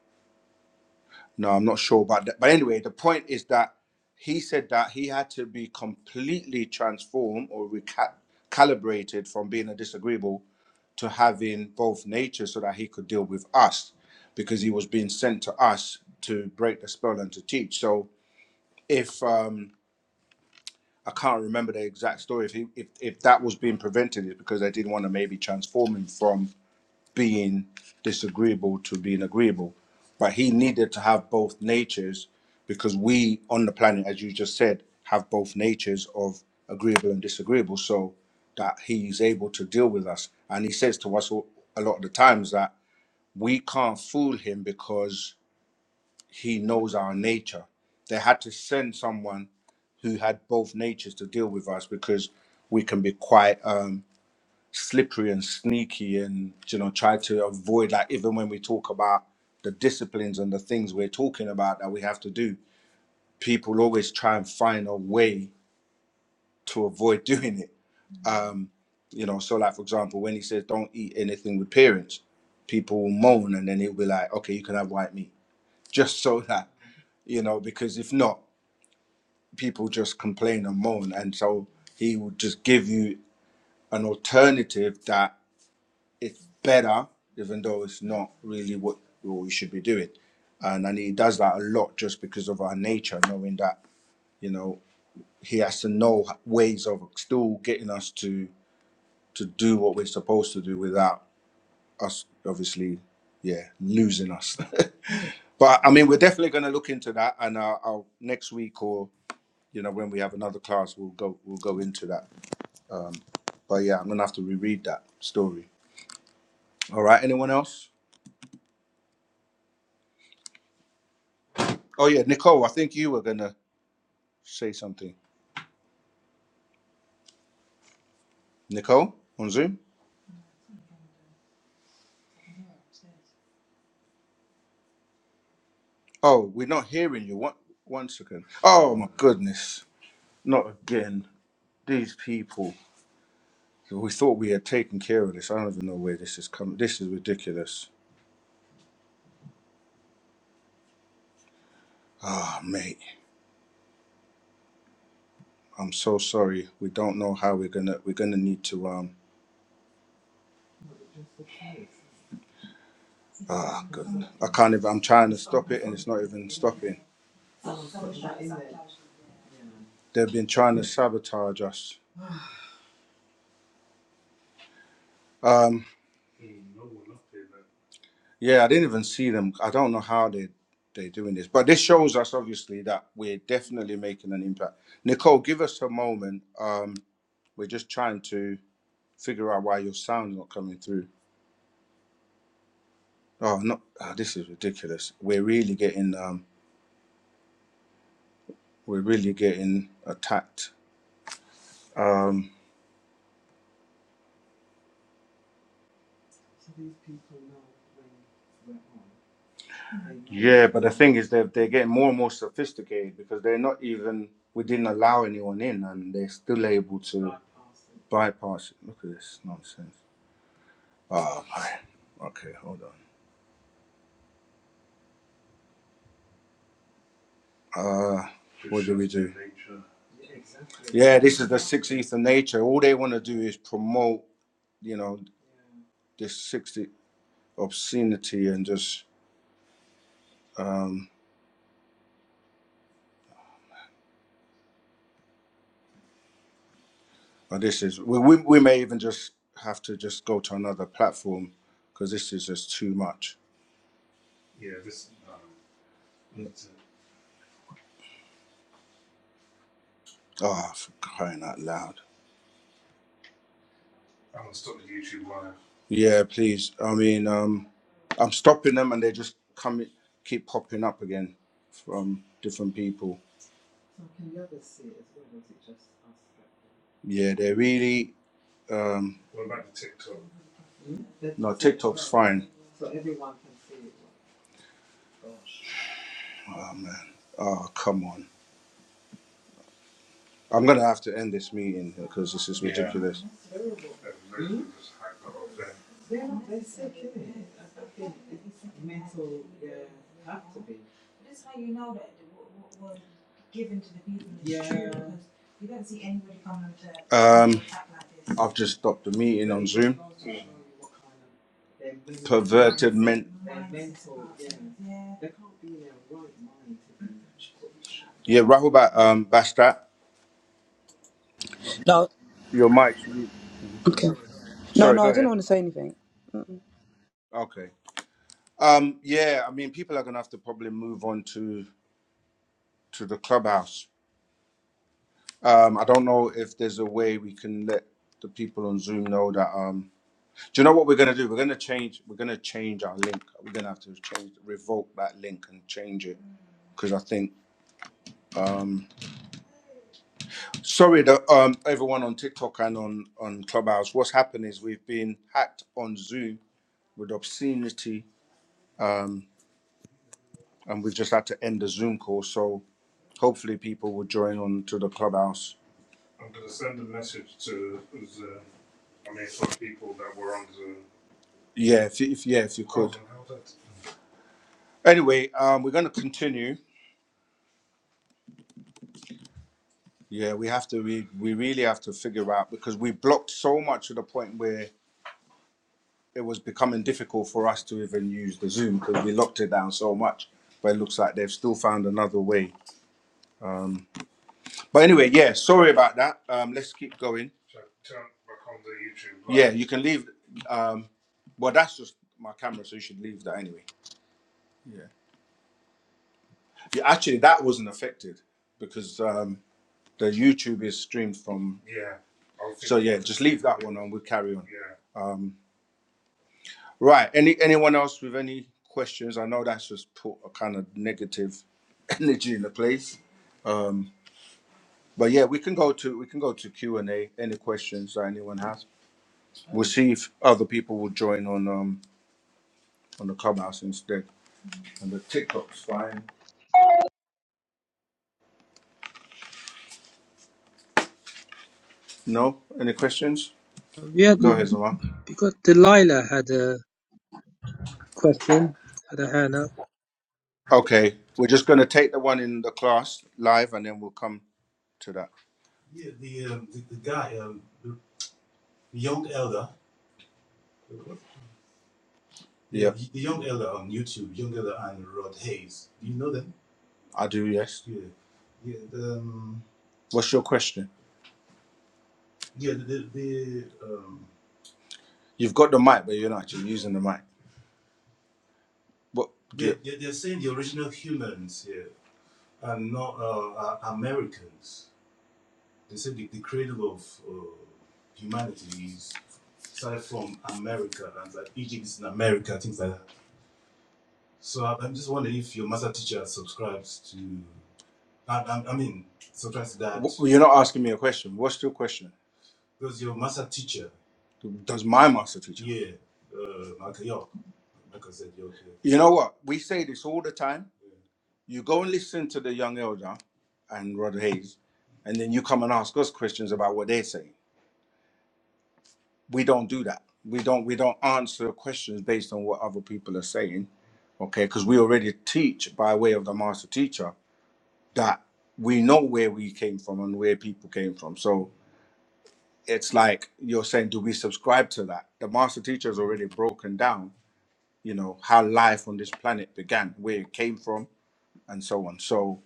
A: No, I'm not sure about that. But anyway, the point is that he said that he had to be completely transformed or recalibrated from being a disagreeable to having both natures so that he could deal with us because he was being sent to us to break the spell and to teach. So if um I can't remember the exact story, if he, if if that was being prevented, is because they didn't want to maybe transform him from being disagreeable to being agreeable. But he needed to have both natures because we on the planet, as you just said, have both natures of agreeable and disagreeable, so that he's able to deal with us. And he says to us a lot of the times that we can't fool him because he knows our nature. They had to send someone who had both natures to deal with us because we can be quite um, slippery and sneaky and you know try to avoid like even when we talk about the disciplines and the things we're talking about that we have to do, people always try and find a way to avoid doing it. Um, you know, so like for example, when he says don't eat anything with parents, people will moan and then he'll be like, okay, you can have white meat just so that you know because if not people just complain and moan. And so he will just give you an alternative that it's better, even though it's not really what, we should be doing. And, and he does that a lot just because of our nature, knowing that, you know, he has to know ways of still getting us to to do what we're supposed to do without us obviously yeah losing us but i mean we're definitely going to look into that and uh, I'll, next week or you know when we have another class we'll go we'll go into that Um, but yeah, I'm gonna have to reread that story. All right. Anyone else? Oh yeah, Nicole. I think you were gonna say something. Nicole on Zoom. Oh, we're not hearing you. One one second. Oh my goodness. Not again. These people. We thought we had taken care of this. I don't even know where this is coming. This is ridiculous. Ah, mate. I'm so sorry. We don't know how we're gonna. We're gonna need to. Um. Ah, goodness. I can't even. I'm trying to stop it, and it's not even stopping. They've been trying to sabotage us Um, yeah, I didn't even see them. I don't know how they they're doing this, but this shows us obviously that we're definitely making an impact. Nicole, give us a moment. Um, we're just trying to figure out why your sound's not coming through. Oh, no, ah, this is ridiculous. We're really getting um, we're really getting attacked. Um, yeah, but the thing is, they're they're getting more and more sophisticated because they're not even we didn't allow anyone in, and they're still able to bypass it. Look at this nonsense. Oh man. Okay, hold on. Uh, what do we do? Yeah, this is the sixteenth of nature. All they want to do is promote, you know, this sixty obscenity and just. Um, but this is we, we we may even just have to just go to another platform because this is just too much. Oh, for crying out loud! Yeah, please. I mean, um, I'm stopping them and they just come keep popping up again from different people. Yeah, they're really um. fine. Oh man. Oh come on. I'm gonna have to end this meeting because this is ridiculous. This is how you know that we're, we're given to the meeting, because you don't see anybody coming to Um, act like this. I've just stopped the meeting. Men- yeah, Rahubat um, Bastat,
C: No.
A: your mic. you-
C: Okay. No,
A: Sorry,
C: no,
A: go
C: I didn't
A: ahead.
C: want to say anything.
A: Okay. Um, yeah, I mean, people are gonna have to probably move on to to the clubhouse. Um, I don't know if there's a way we can let the people on Zoom know that. Um. Do you know what we're gonna do? We're gonna change. We're gonna change our link. We're gonna have to change, revoke that link and change it because I think. Um, sorry, that um, everyone on TikTok and on on Clubhouse, what's happened is we've been hacked on Zoom with obscenity, um, and we've just had to end the Zoom call. So hopefully, people will join on to the Clubhouse. Yeah, if, you- if yeah, if you anyway, um, we're gonna continue. Yeah, we have to. We we really have to figure out because we blocked so much to the point where it was becoming difficult for us to even use the Zoom because we locked it down so much. But it looks like they've still found another way. Um, but anyway, yeah, sorry about that. Um, let's keep going. You can leave. Um, well, that's just my camera, so you should leave that anyway. Yeah. yeah actually, that wasn't affected because um, the YouTube is streamed from. Leave that one on. We'll carry on. Um, right. Any anyone else with any questions? I know that's just put a kind of negative energy in the place. Um, But yeah, we can go to we can go to Q and A. Any questions that anyone has? We'll see if other people will join on um on the clubhouse instead. And the TikTok's fine. No, any questions?
D: Yeah,
A: Go ahead, Zama.
D: because Delilah had a question, had a hand up.
A: Okay, we're just gonna take the one in the class live, and then we'll come to that. Yeah, I do. Yes. What's your question? You've got the mic, but you're not actually using the mic. But you're not asking me a question. What's your question? Does my master teach? You know what? We say this all the time You go and listen to the young elder and Rod Hayes, and then you come and ask us questions about what they're saying. We don't do that. We don't we don't answer questions based on what other people are saying. Okay, because we already teach by way of the master teacher that we know where we came from and where people came from. So it's like you're saying, do we subscribe to that? The master teacher has already broken down, you know, how life on this planet began, where it came from, and so on. So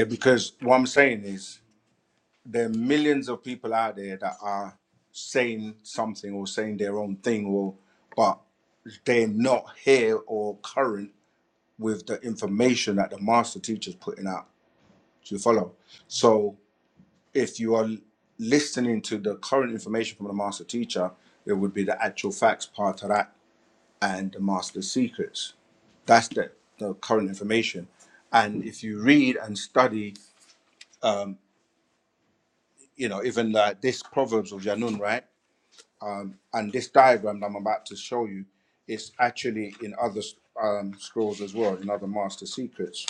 A: yeah, because what I'm saying is there are millions of people out there that are saying something or saying their own thing or but they're not here or current with the information that the master teacher's putting out. Do you follow? So if you are listening to the current information from the master teacher, it would be the actual facts part of that and the master secrets. That's the, the current information. And if you read and study, um, you know, even like this Proverbs of Janun, right? Um, and this diagram that I'm about to show you is actually in other um, scrolls as well, in other master secrets,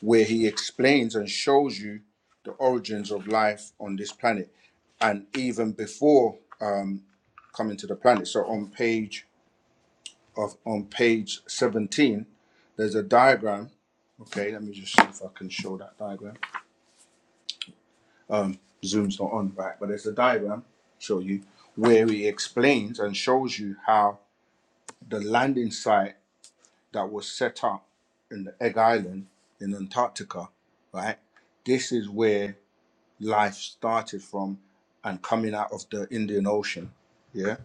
A: where he explains and shows you the origins of life on this planet, and even before um, coming to the planet. So on page of on page 17, there's a diagram. Okay, let me just see if I can show that diagram. Um, Zoom's not on, right? But there's a diagram show you where he explains and shows you how the landing site that was set up in the Egg Island in Antarctica, right? This is where life started from and coming out of the Indian Ocean, yeah,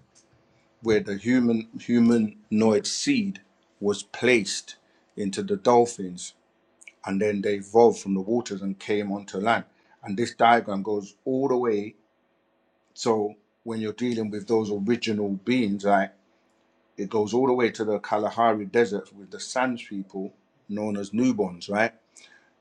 A: where the human humanoid seed was placed into the dolphins and then they evolved from the waters and came onto land. And this diagram goes all the way. So when you're dealing with those original beings, right? It goes all the way to the Kalahari Desert with the Sands people, known as Nubons, right?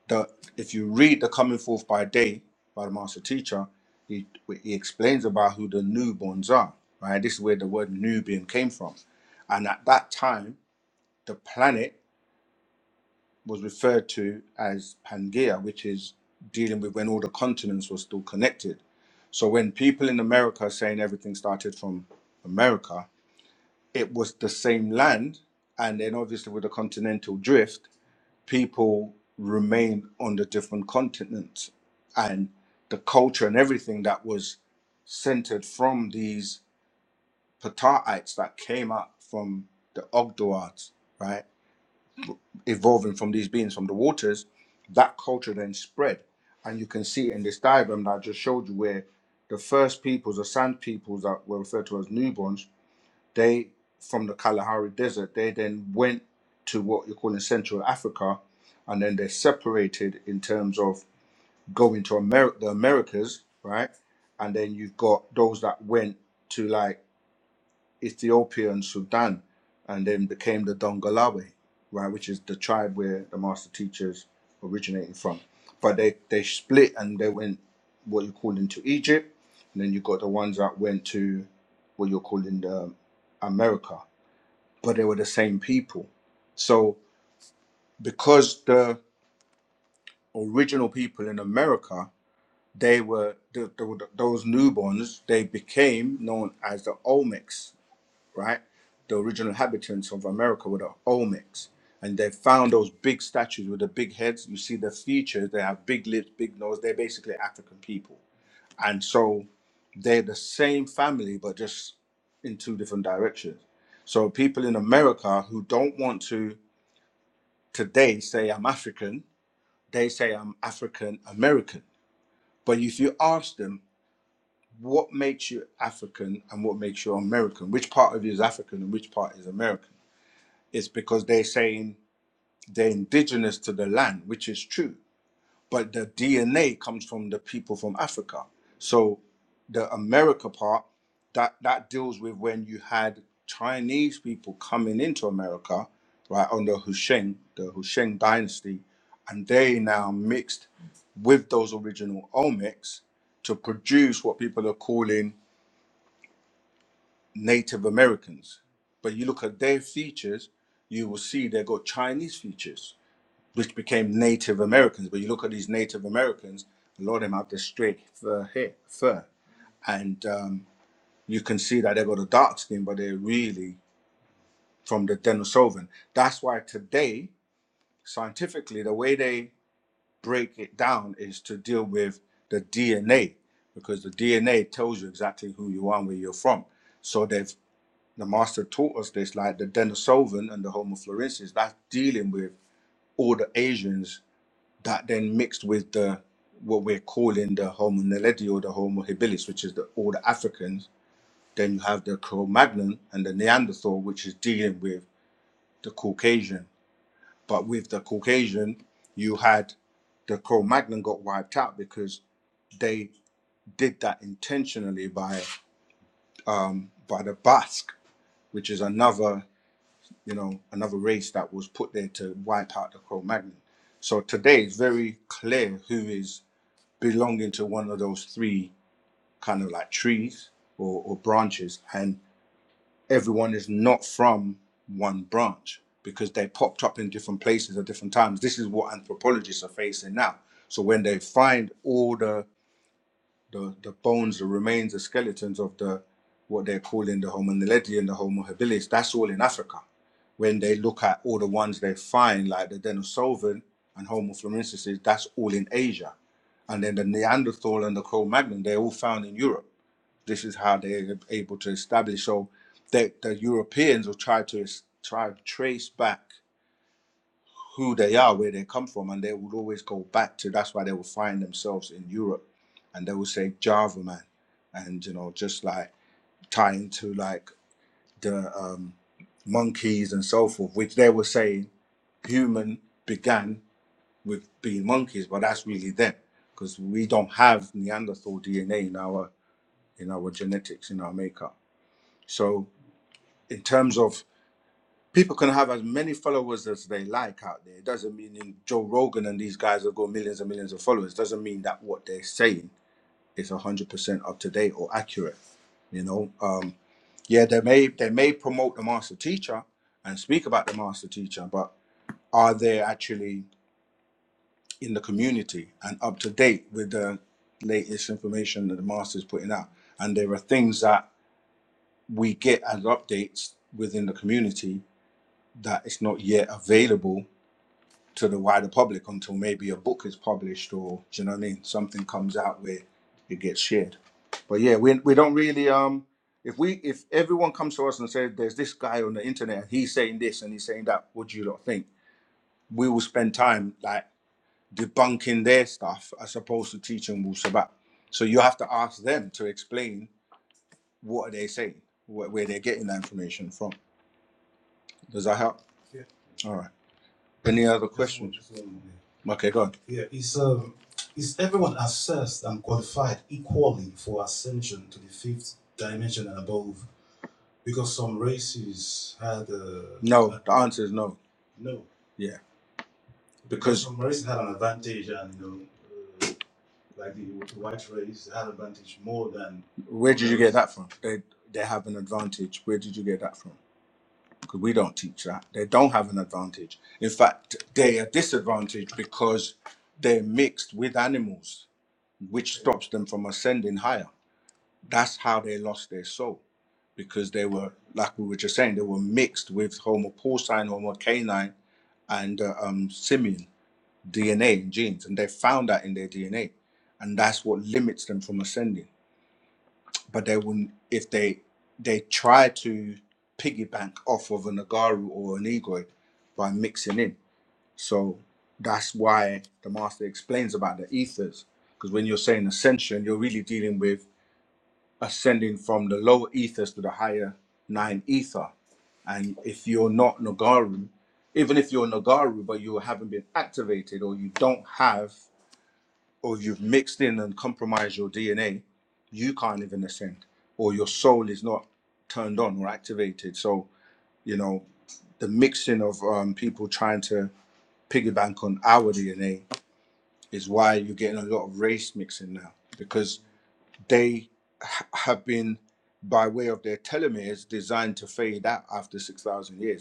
A: The, if you read The Coming Forth by Day by the Master Teacher, he, he explains about who the Nubons are, right? This is where the word Nubian came from. And at that time, the planet was referred to as Pangea, which is dealing with when all the continents were still connected. So when people in America are saying everything started from America, it was the same land, and then obviously with the continental drift, people remained on the different continents, and the culture and everything that was centered from these Pataites that came up from the Ogdoads, right, evolving from these beings from the waters, that culture then spread, and you can see in this diagram that I just showed you where the first peoples, the sand peoples that were referred to as newborns, they from the Kalahari Desert, they then went to what you call in Central Africa, and then they separated in terms of going to America, the Americas, right? And then you've got those that went to like Ethiopia and Sudan, and then became the Dongolawe, right, which is the tribe where the master teachers originated from. But they they split and they went what you call into Egypt, and then you got the ones that went to what you're calling the America but they were the same people. So because the original people in America, they were the, the, those newborns, they became known as the Olmecs, right? The original inhabitants of America were the Olmecs. And they found those big statues with the big heads. You see the features, they have big lips, big nose. They're basically African people. And so they're the same family, but just in two different directions. So people in America who don't want to today say I'm African, they say I'm African American. But if you ask them what makes you African and what makes you American, which part of you is African and which part is American, it's because they're saying they're indigenous to the land, which is true. but the DNA comes from the people from Africa. So the America part that that deals with when you had Chinese people coming into America, right under Husheng, the Husheng dynasty, and they now mixed with those original omics to produce what people are calling Native Americans. But you look at their features, you will see they got Chinese features which became Native Americans. But you look at these Native Americans, a lot of them have this straight fur hair, fur, and um, you can see that they've got a dark skin, but they're really from the Denisovan. That's why today, scientifically, the way they break it down is to deal with the DNA, because the DNA tells you exactly who you are and where you're from. So they've the master taught us this, like the Denisovan and the Homo florensis, that's dealing with all the Asians that then mixed with the what we're calling the Homo naledi or the Homo habilis, which is the, all the Africans. Then you have the Cro-Magnon and the Neanderthal, which is dealing with the Caucasian. But with the Caucasian, you had the Cro-Magnon got wiped out because they did that intentionally by um, by the Basque, which is another you know another race that was put there to wipe out the Cro-Magnon. So today it's very clear who is belonging to one of those three kind of like trees or, or branches, and everyone is not from one branch because they popped up in different places at different times. This is what anthropologists are facing now. So when they find all the the, the bones, the remains, the skeletons of the what they're calling the Homo naledi and the Homo habilis. That's all in Africa. When they look at all the ones they find, like the Denisovan and Homo floresiensis that's all in Asia. And then the Neanderthal and the Cro-Magnon, they're all found in Europe. This is how they're able to establish. So the, the Europeans will try to try to trace back who they are, where they come from, and they would always go back to. That's why they will find themselves in Europe, and they will say Java man, and you know just like tying to like the um, monkeys and so forth, which they were saying human began with being monkeys, but that's really them because we don't have Neanderthal DNA in our in our genetics in our makeup. So in terms of people can have as many followers as they like out there. It doesn't mean in Joe Rogan and these guys have got millions and millions of followers. It doesn't mean that what they're saying is one hundred percent up to date or accurate. You know, um, yeah, they may they may promote the master teacher and speak about the master teacher, but are they actually in the community and up to date with the latest information that the master's putting out? And there are things that we get as updates within the community that it's not yet available to the wider public until maybe a book is published or do you know what I mean? Something comes out where it gets shared. But yeah, we we don't really um if we if everyone comes to us and says there's this guy on the internet and he's saying this and he's saying that, what do you lot think? We will spend time like debunking their stuff as opposed to teaching Wu Sabat. So you have to ask them to explain what are they saying, where, where they're getting that information from. Does that help? All right. Any other? Okay, go on. The answer is no. Yeah. Where did you get that from? They they have an advantage. Where did you get that from? Because we don't teach that. They don't have an advantage. In fact, they are disadvantaged because they're mixed with animals, which stops them from ascending higher. That's how they lost their soul, because they were, like we were just saying, they were mixed with Homo porcine, Homo canine, and uh, um, simian DNA and genes, and they found that in their DNA, and that's what limits them from ascending but they wouldn't if they they try to piggyback off of a Nagaru or an Igor by mixing in. So that's why the master explains about the ethers. Because when you're saying ascension, you're really dealing with ascending from the lower ethers to the higher nine ether. And if you're not Nagaru, even if you're Nagaru but you haven't been activated or you don't have or you've mixed in and compromised your DNA, you can't even ascend, or your soul is not turned on or activated. So, you know, the mixing of um, people trying to piggyback on our DNA is why you're getting a lot of race mixing now, because they ha- have been, by way of their telomeres, designed to fade out after 6,000 years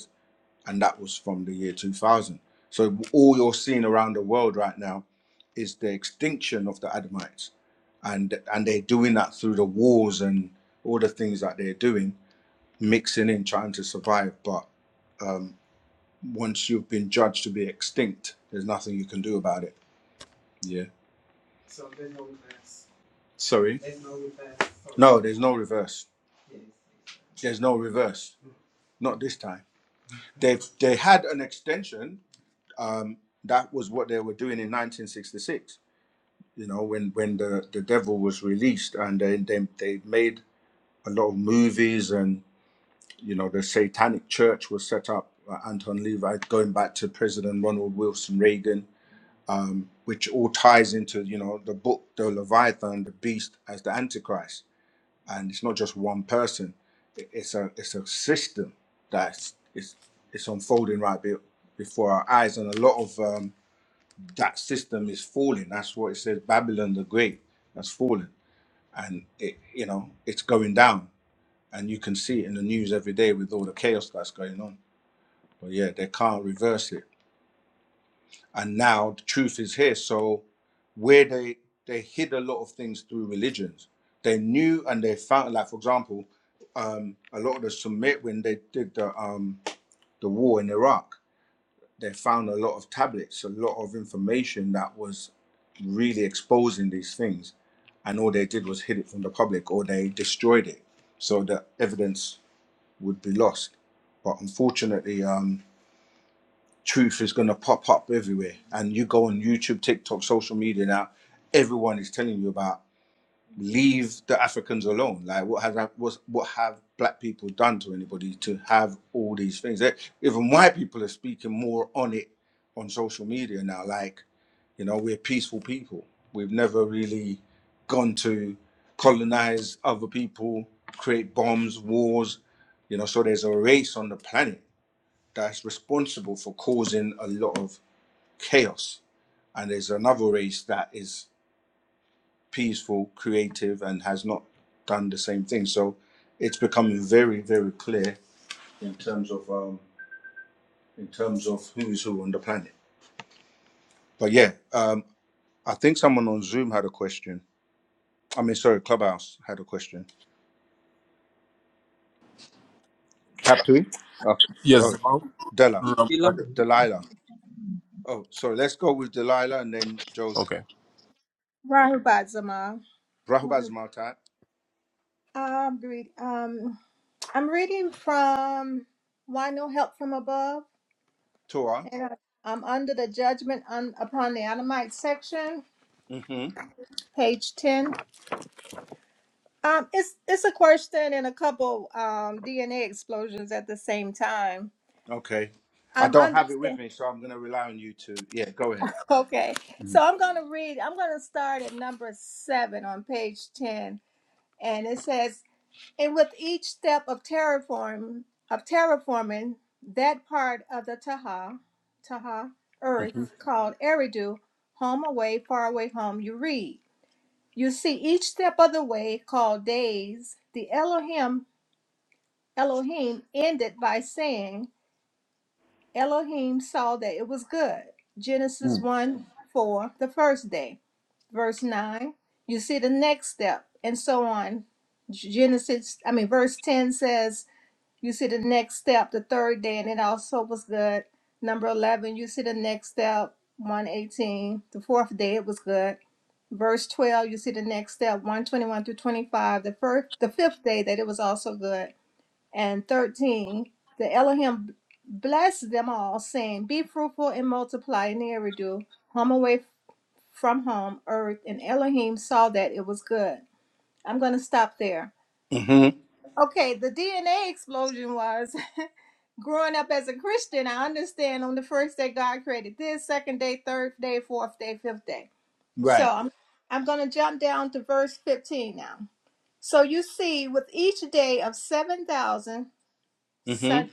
A: and that was from the year 2000. So all you're seeing around the world right now is the extinction of the Adamites, and and they're doing that through the wars and all the things that they're doing, mixing in, trying to survive. But um, once you've been judged to be extinct, there's nothing you can do about it. Yeah, sorry, there's no reverse. There's no reverse. Not this time. They have they had an extension. Um, that was what they were doing in 1966 you know, when when the the devil was released, and then they, they made a lot of movies, and you know, the Satanic Church was set up. Uh, Anton Levi, going back to President Ronald Wilson Reagan, um, which all ties into you know the book, the Leviathan, the Beast as the Antichrist, and it's not just one person; It- it's a it's a system that's it's it's unfolding right be- before our eyes, and a lot of um, that system is falling. That's what it says: Babylon the Great that's fallen and it you know it's going down and you can see it in the news every day with all the chaos that's going on but yeah they can't reverse it and now the truth is here so where they they hid a lot of things through religions they knew and they found like for example um a lot of the Summit when they did the um the war in iraq they found a lot of tablets, a lot of information that was really exposing these things. And all they did was hid it from the public or they destroyed it so that evidence would be lost. But unfortunately, um, truth is going to pop up everywhere. And you go on YouTube, TikTok, social media now, everyone is telling you about leave the Africans alone. Like, what has what what have black people done to anybody to have all these things? Eh, Even white people are speaking more on it on social media now. Like, you know, we're peaceful people. We've never really gone to colonize other people, create bombs, wars. You know, so there's a race on the planet that's responsible for causing a lot of chaos, and there's another race that is peaceful, creative, and has not done the same thing. So it's becoming very, very clear in terms of um, in terms of who is who on the planet. But yeah, um, I think someone on Zoom had a question. I mean, sorry, Clubhouse had a question. Have to? Oh,
E: Yes,
A: oh,
E: Zamal.
A: Della, D-
D: Delilah.
E: Robert.
A: Delilah. Oh, sorry. Let's go with Delilah and then Joseph.
E: Okay.
F: Rahubad Zama.
A: Rahubaz Martat,
F: I'm, read, um, I'm reading from Why No Help From Above,
A: Torah.
F: and I- I'm under the Judgment on, Upon the Adamite section,
A: hmm
F: page 10. Um, it's, it's a question and a couple um, DNA explosions at the same time.
A: Okay. I
F: I'm
A: don't have it with
F: understand.
A: me, so I'm going to rely on you to. Yeah, go ahead.
F: Okay, so I'm going to read, I'm going to start at number 7 on page 10, and it says, And with each step of terraform of terraforming, that part of the Taha Taha
A: hmm
F: Earth called Eridu, home away, far away home, you read. You see each step of the way called days. The Elohim Elohim ended by saying, Elohim saw that it was good. Genesis 1 4, the first day. Verse 9, you see the next step, and so on. Genesis, I mean, verse 10 says, you see the next step, the third day, and it also was good. Number 11, you see the next step, 118. The fourth day, it was good. Verse 12, you see the next step, 121 through 25. The first, the fifth day, that it was also good. And 13, the Elohim blessed them all, saying, Be fruitful and multiply in the redo, home away from home, earth. And Elohim saw that it was good. I'm going to stop there.
A: hmm
F: Okay, the DNA explosion was growing up as a Christian, I understand on the first day God created this, second day, third day, fourth day, fifth day. So
A: Right.
F: I'm I'm gonna jump down to verse 15 now. So you see, with each day of seven thousand
A: Mm-hmm.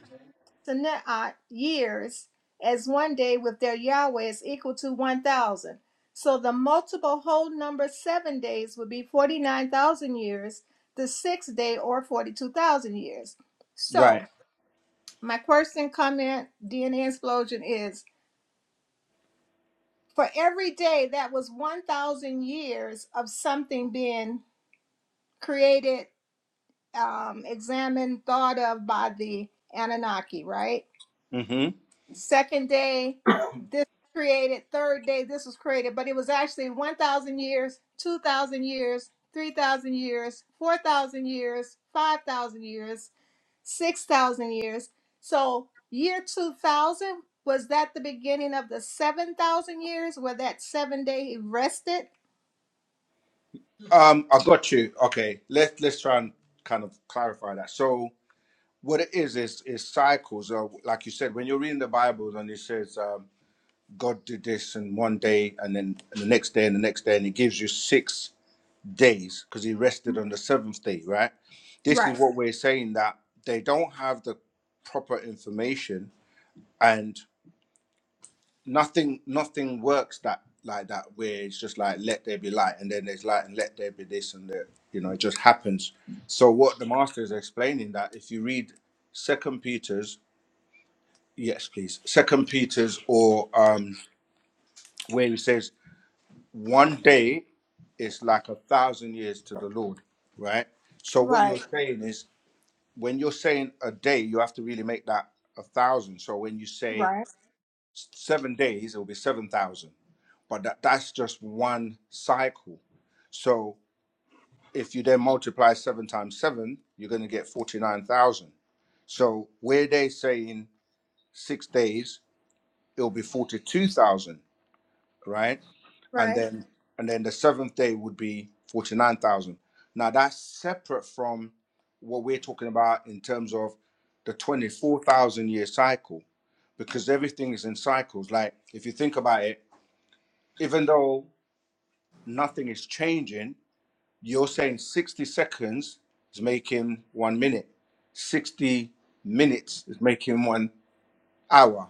F: Sanaat years, as one day with their Yahweh is equal to one thousand. So the multiple whole number seven days would be forty nine thousand years, the sixth day or forty two thousand years. So
A: Right.
F: my question, comment, DNA explosion is for every day that was 1,000 years of something being created, um, examined, thought of by the Anunnaki, right?
A: Mm-hmm.
F: Second day, this created. Third day, this was created, but it was actually 1,000 years, 2,000 years, 3,000 years, 4,000 years, 5,000 years. 6,000 years. So, year 2000, was that the beginning of the 7,000 years where that seven day he rested?
A: Um, I got you. Okay, let's let's try and kind of clarify that. So what it is is is cycles. Of, like you said, when you're reading the Bible and it says um, God did this and one day and then the next day and the next day and it gives you six days because He rested on the seventh day, right? This
F: Right,
A: is what we're saying that they don't have the proper information and. nothing nothing works that like that where it's just like let there be light and then there's light and let there be this and that you know it just happens so what the master is explaining that if you read second peter's yes please second peter's or um where he says one day is like a thousand years to the lord right so what you're
F: right,
A: saying is when you're saying a day you have to really make that a thousand so when you say
F: right,
A: seven days, it will be 7,000. But that, that's just one cycle. So if you then multiply seven times seven, you're going to get 49,000. So where they say in six days, it'll be 42,000, right? And
F: right,
A: then, and then the seventh day would be 49,000. Now that's separate from what we're talking about in terms of the 24,000 year cycle because everything is in cycles. Like if you think about it, even though nothing is changing, you're saying 60 seconds is making one minute, 60 minutes is making one hour.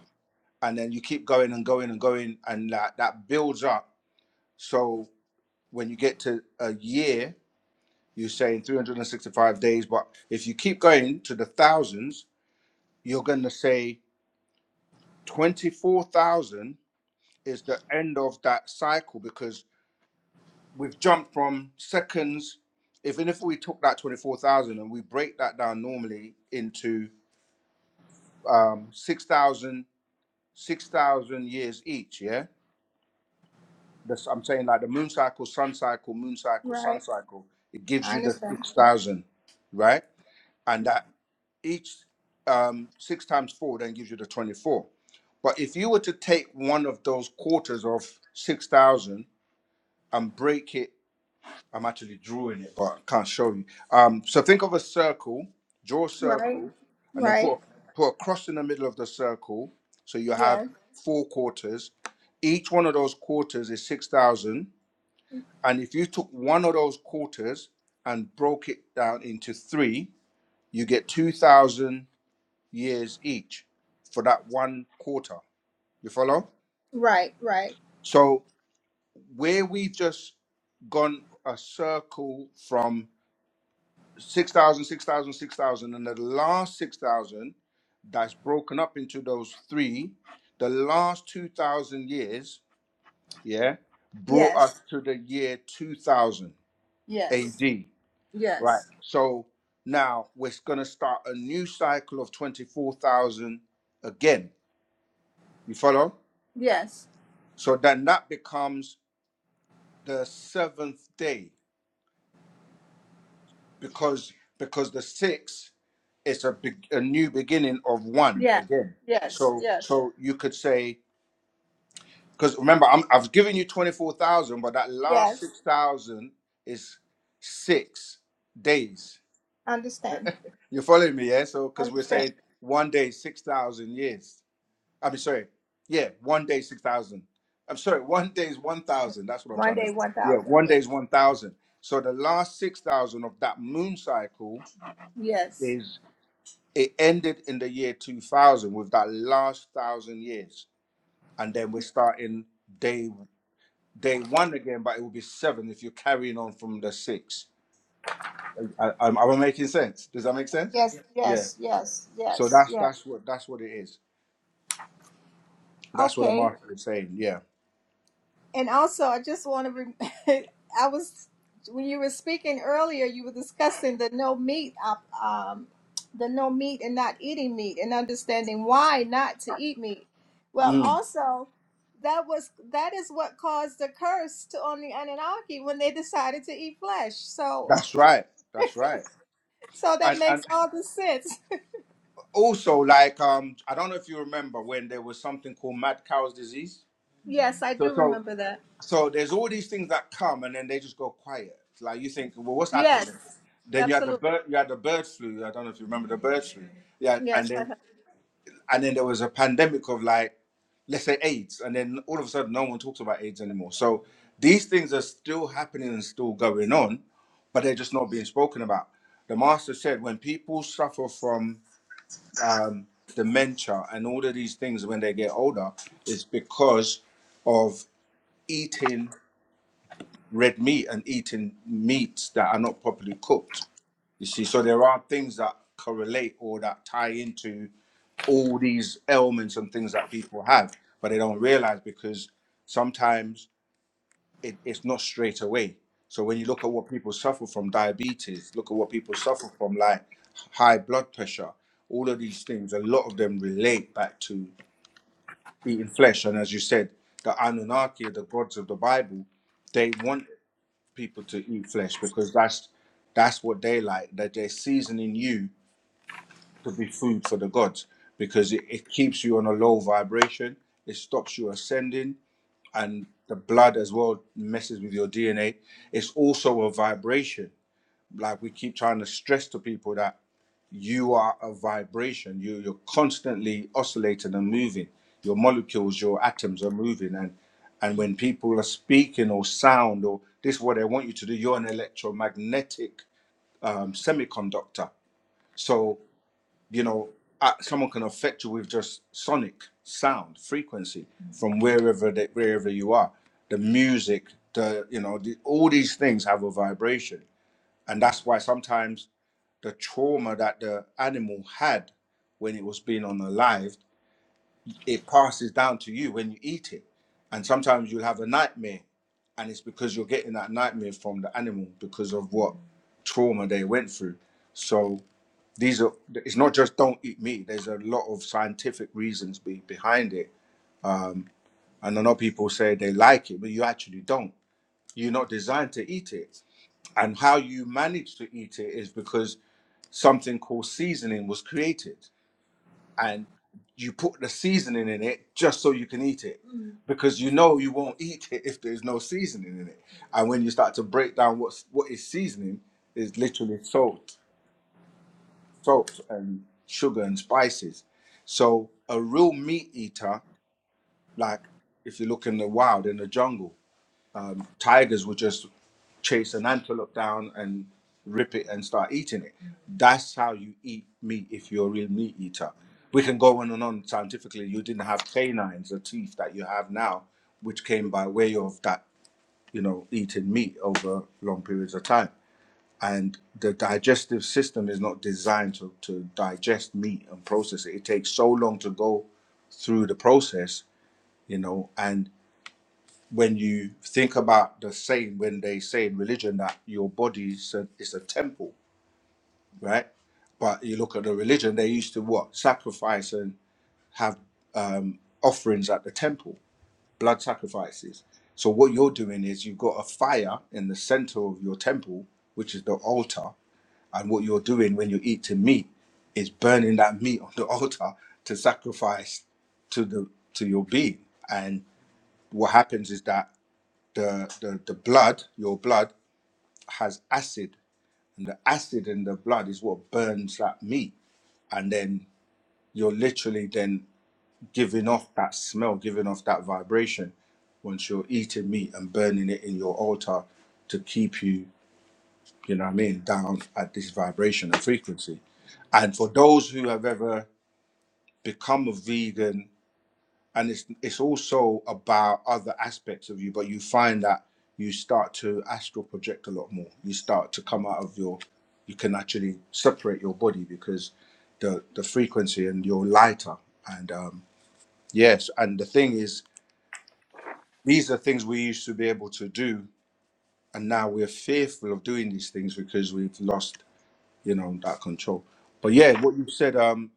A: And then you keep going and going and going, and that, that builds up. So when you get to a year, you're saying 365 days. But if you keep going to the thousands, you're going to say 24,000 is the end of that cycle because. we've jumped from seconds. Even if we took that twenty-four thousand and we break that down normally into um, 6,000 years each, yeah. That's, I'm saying like the moon cycle, sun cycle, moon cycle, sun
F: right,
A: cycle. It gives
F: I
A: you the
F: understand.
A: six thousand, right? And that each um, six times four then gives you the twenty-four. But if you were to take one of those quarters of six thousand and break it I'm actually drawing it, but I can't show you. Um, so think of a circle, draw a
F: right,
A: circle, and then
F: right,
A: put put a cross in the middle of the circle. So you have
F: yes,
A: four quarters. Each one of those quarters is six thousand. And if you took one of those quarters and broke it down into three, you get two thousand years each for that one quarter. You follow?
F: Right, right.
A: So where we've just gone a circle from 6,000, 6,000, 6,000, and the last 6,000 that's broken up into those three, the last 2,000 years, yeah, brought us
F: yes,
A: to the year 2000
F: yes,
A: AD, right?
F: yes,
A: So now we're going to start a new cycle of 24,000 again. You follow?
F: yes,
A: So then that becomes the seventh day because because the six it's a, be- a new beginning of one
F: yes,
A: again.
F: yes,
A: So
F: yes,
A: so you could say because remember I'm, I've given you twenty four thousand, but that last
F: yes,
A: six thousand is six days.
F: Understand.
A: You're following me, yeah? So because we're
F: understand.
A: saying one day six thousand years. I mean, sorry, yeah, one day six thousand. I'm sorry, one day is one thousand. That's what I'm
F: One
A: trying
F: day,
A: to. Yeah,
F: 1,000.
A: one
F: Yes.
A: day is one thousand. So the last six thousand of that moon cycle
F: Yes,
A: It ended in the year 2000 with that last thousand years. And then we're starting day day one again, but it will be seven if you're carrying on from the six. I, am am I making sense? Does that make sense? Yeah.
F: Yes.
A: Yeah.
F: yes, yes,
A: So
F: yes,
A: that's
F: yes.
A: that's what that's what it is. That's what I'm
F: Okay.
A: asking is saying. Yeah.
F: And also, I just want to. Re- I was when you were speaking earlier, you were discussing the no meat, op- um, the no meat and not eating meat, and understanding why not to eat meat. Well,
A: Mm.
F: also, that was that is what caused the curse to on the Anunnaki when they decided to eat flesh. So,
A: That's right. That's right.
F: so that
A: And and
F: makes all the sense.
A: also like um I don't know if you remember when there was something called mad cow's disease.
F: Yes, I
A: So
F: do
A: so
F: remember that.
A: so there's all these things that come and then they just go quiet. Like you think, well, what's
F: Yes,
A: happening? Then you had the
F: absolutely.
A: bird, you had the bird flu. I don't know if you remember the bird flu. Yeah, and
F: Yes,
A: then and then there was a pandemic of like, let's say AIDS, and then all of a sudden no one talks about AIDS anymore. So these things are still happening and still going on, but they're just not being spoken about. The master said when people suffer from um, dementia and all of these things when they get older, it's because of eating red meat and eating meats that are not properly cooked. You see, so there are things that correlate or that tie into all these ailments and things that people have, but they don't realize because sometimes it, it's not straight away. So when you look at what people suffer from diabetes, look at what people suffer from like high blood pressure, all of these things, a lot of them relate back to eating flesh. And as you said, the Anunnaki, the gods of the Bible, they want people to eat flesh because that's that's what they like that they're seasoning you to be food for the gods because it, it keeps you on a low vibration it stops you ascending and the blood as well messes with your dna it's also a vibration like we keep trying to stress to people that you are a vibration. You, you're constantly oscillating and moving. Your molecules, your atoms are moving. And, and when people are speaking or sound or this is what they want you to do, you're an electromagnetic um, semiconductor. So, you know, uh, someone can affect you with just sonic sound frequency from wherever they, wherever you are. The music, the you know, the, all these things have a vibration, and that's why sometimes the trauma that the animal had when it was being on alive, it passes down to you when you eat it. And sometimes you'll have a nightmare, and it's because you're getting that nightmare from the animal because of what trauma they went through. So these are it's not just don't eat meat. There's a lot of scientific reasons be, behind it. Um, and I know people say they like it, but you actually don't. You're not designed to eat it. And how you manage to eat it is because something called seasoning was created and you put the seasoning in it just so you can eat it Mm. because you know you won't eat it if there's no seasoning in it. And when you start to break down what's what is seasoning is literally salt, salt and sugar and spices. So a real meat eater, like if you look in the wild in the jungle, um, tigers would just chase an antelope down and rip it and start eating it. That's how you eat meat if you're a real meat eater. We can go on and on scientifically. You didn't have canines, the teeth that you have now, which came by way of that, you know, eating meat over long periods of time. And the digestive system is not designed to, to digest meat and process it. It takes so long to go through the process, you know, and when you think about the saying when they say in religion that your body is a, is a temple right but you look at the religion they used to what sacrifice and have um, offerings at the temple blood sacrifices so what you're doing is you've got a fire in the center of your temple which is the altar and what you're doing when you're eating meat is burning that meat on the altar to sacrifice to the to your being and what happens is that the, the the blood, your blood has acid, and the acid in the blood is what burns that meat, and then you're literally then giving off that smell, giving off that vibration once you're eating meat and burning it in your altar to keep you, you know what I mean, down at this vibration and frequency. And for those who have ever become a vegan and it's it's also about other aspects of you but you find that you start to astral project a lot more you start to come out of your you can actually separate your body because the the frequency and you're lighter and um yes and the thing is these are things we used to be able to do and now we're fearful of doing these things because we've lost you know that control but yeah what you said um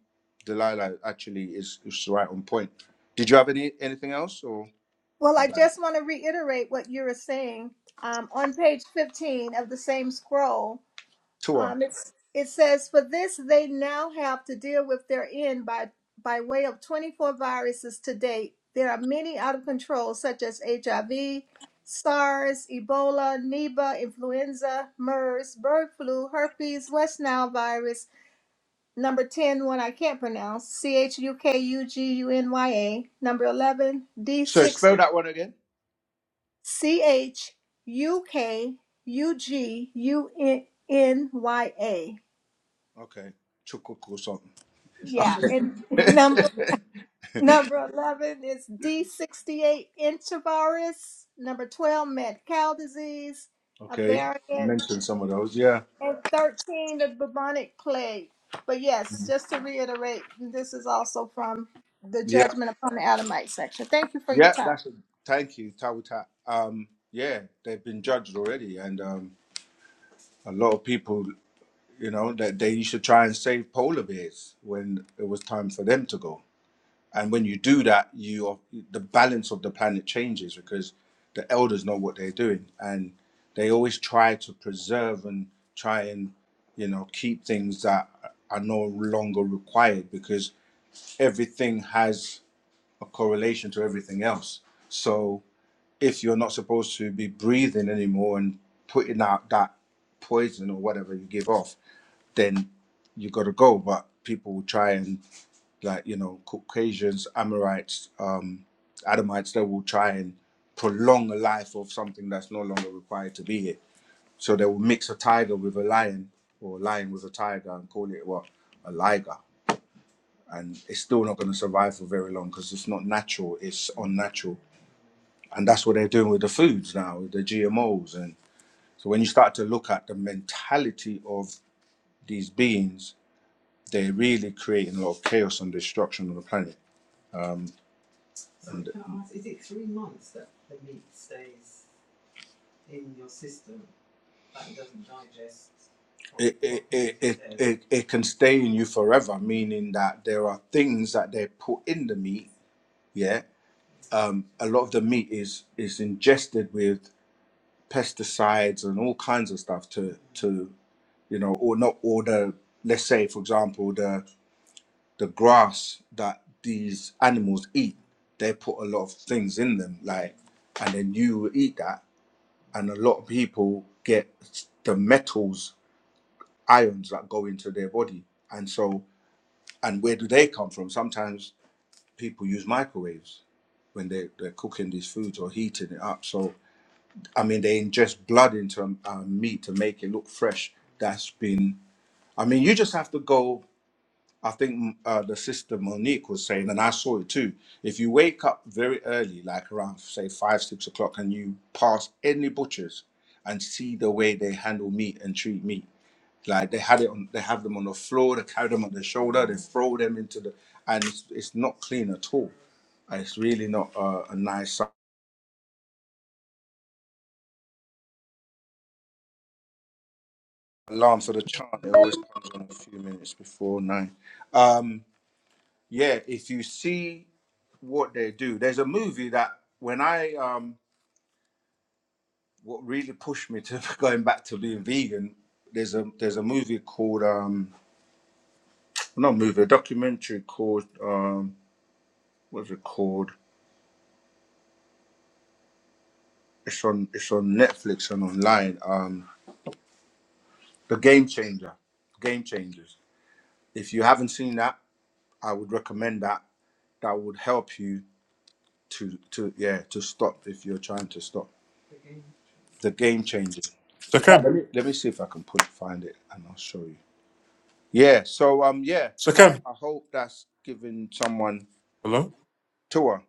A: delilah actually is, is right on point did you have any anything else or
F: Well,
A: is
F: I
A: that it?
F: just want to reiterate what you were saying. Um, on page 15 of the same scroll,
A: Tua.
F: um, it's, it says, For this they now have to deal with their end by, by way of 24 viruses to date. There are many out of control, such as HIV, SARS, Ebola, Neba, influenza, MERS, bird flu, herpes, West Nile virus, number Ten, one I can't pronounce, C H U K U G U N Y A, number 11,
A: So
F: D6
A: spell that one again.
F: C H U K U G U N N Y A.
A: Okay. Chukuk or something.
F: Yeah, and number
A: Okay.
F: number eleven is D sixty eight intravirus. Number twelve, mad cow disease, a
A: okay.
F: variant,
A: Mention some of those. Yeah.
F: and thirteen, the bubonic plague. But yes, just to reiterate, this is also from the
A: Yeah.
F: judgment upon the Adamite section. Thank you for your
A: Yeah.
F: time.
A: That's a, thank you, Tawuta. Um, yeah, they've been judged already. And um, a lot of people, you know, that they used to try and save polar bears when it was time for them to go. And when you do that, you are, the balance of the planet changes because the elders know what they're doing, and they always try to preserve and try and you know keep things that are no longer required because everything has a correlation to everything else. So if you're not supposed to be breathing anymore and putting out that poison or whatever you give off, then you got to go. But people will try and like you know Caucasians, Amorites, um, Adamites, they will try and prolong a life of something that's no longer required to be it. So they will mix a tiger with a lion or a lion with a tiger and call it what a liger, and it's still not going to survive for very long because it's not natural; it's unnatural, and that's what they're doing with the foods now, with the GMOs. And so when you start to look at the mentality of these beings, they're really creating a lot of chaos and destruction on the planet Um, it, it can stay in you forever, meaning that there are things that they put in the meat. Yeah, um, a lot of the meat is is ingested with pesticides and all kinds of stuff to to you know, or not, or the let's say for example the the grass that these animals eat, they put a lot of things in them, like, and then you will eat that, and a lot of people get the metals ions that go into their body, and so. and where do they come from? Sometimes people use microwaves when they, they're cooking these foods or heating it up. So, I mean, they ingest blood into um, uh, meat to make it look fresh. That's been, I mean, you just have to go. I think uh, the sister Monique was saying, and I saw it too. If you wake up very early, like around, say, five, six o'clock, and you pass any butchers and see the way they handle meat and treat meat, like they had it on, they have them on the floor, they carry them on their shoulder, they throw them into the, and it's, it's not clean at all. And it's really not uh, a nice si- alarm for the chant. It always comes on a few minutes before nine. Um, yeah, if you see what they do, there's a movie that when I um, what really pushed me to going back to being vegan. There's a there's a movie called um, not a movie, a documentary called um, what's it called? It's on it's on Netflix and online. Um, the Game Changer, Game Changers. If you haven't seen that, I would recommend that. That would help you to to yeah to stop if you're trying to stop. The Game Changers. In fact,
G: Sakem,
A: let me let me see if I can put find it and I'll show you. Yeah. So um yeah, I,
G: Sakem,
A: I hope that's giving someone
G: hello?
A: tour.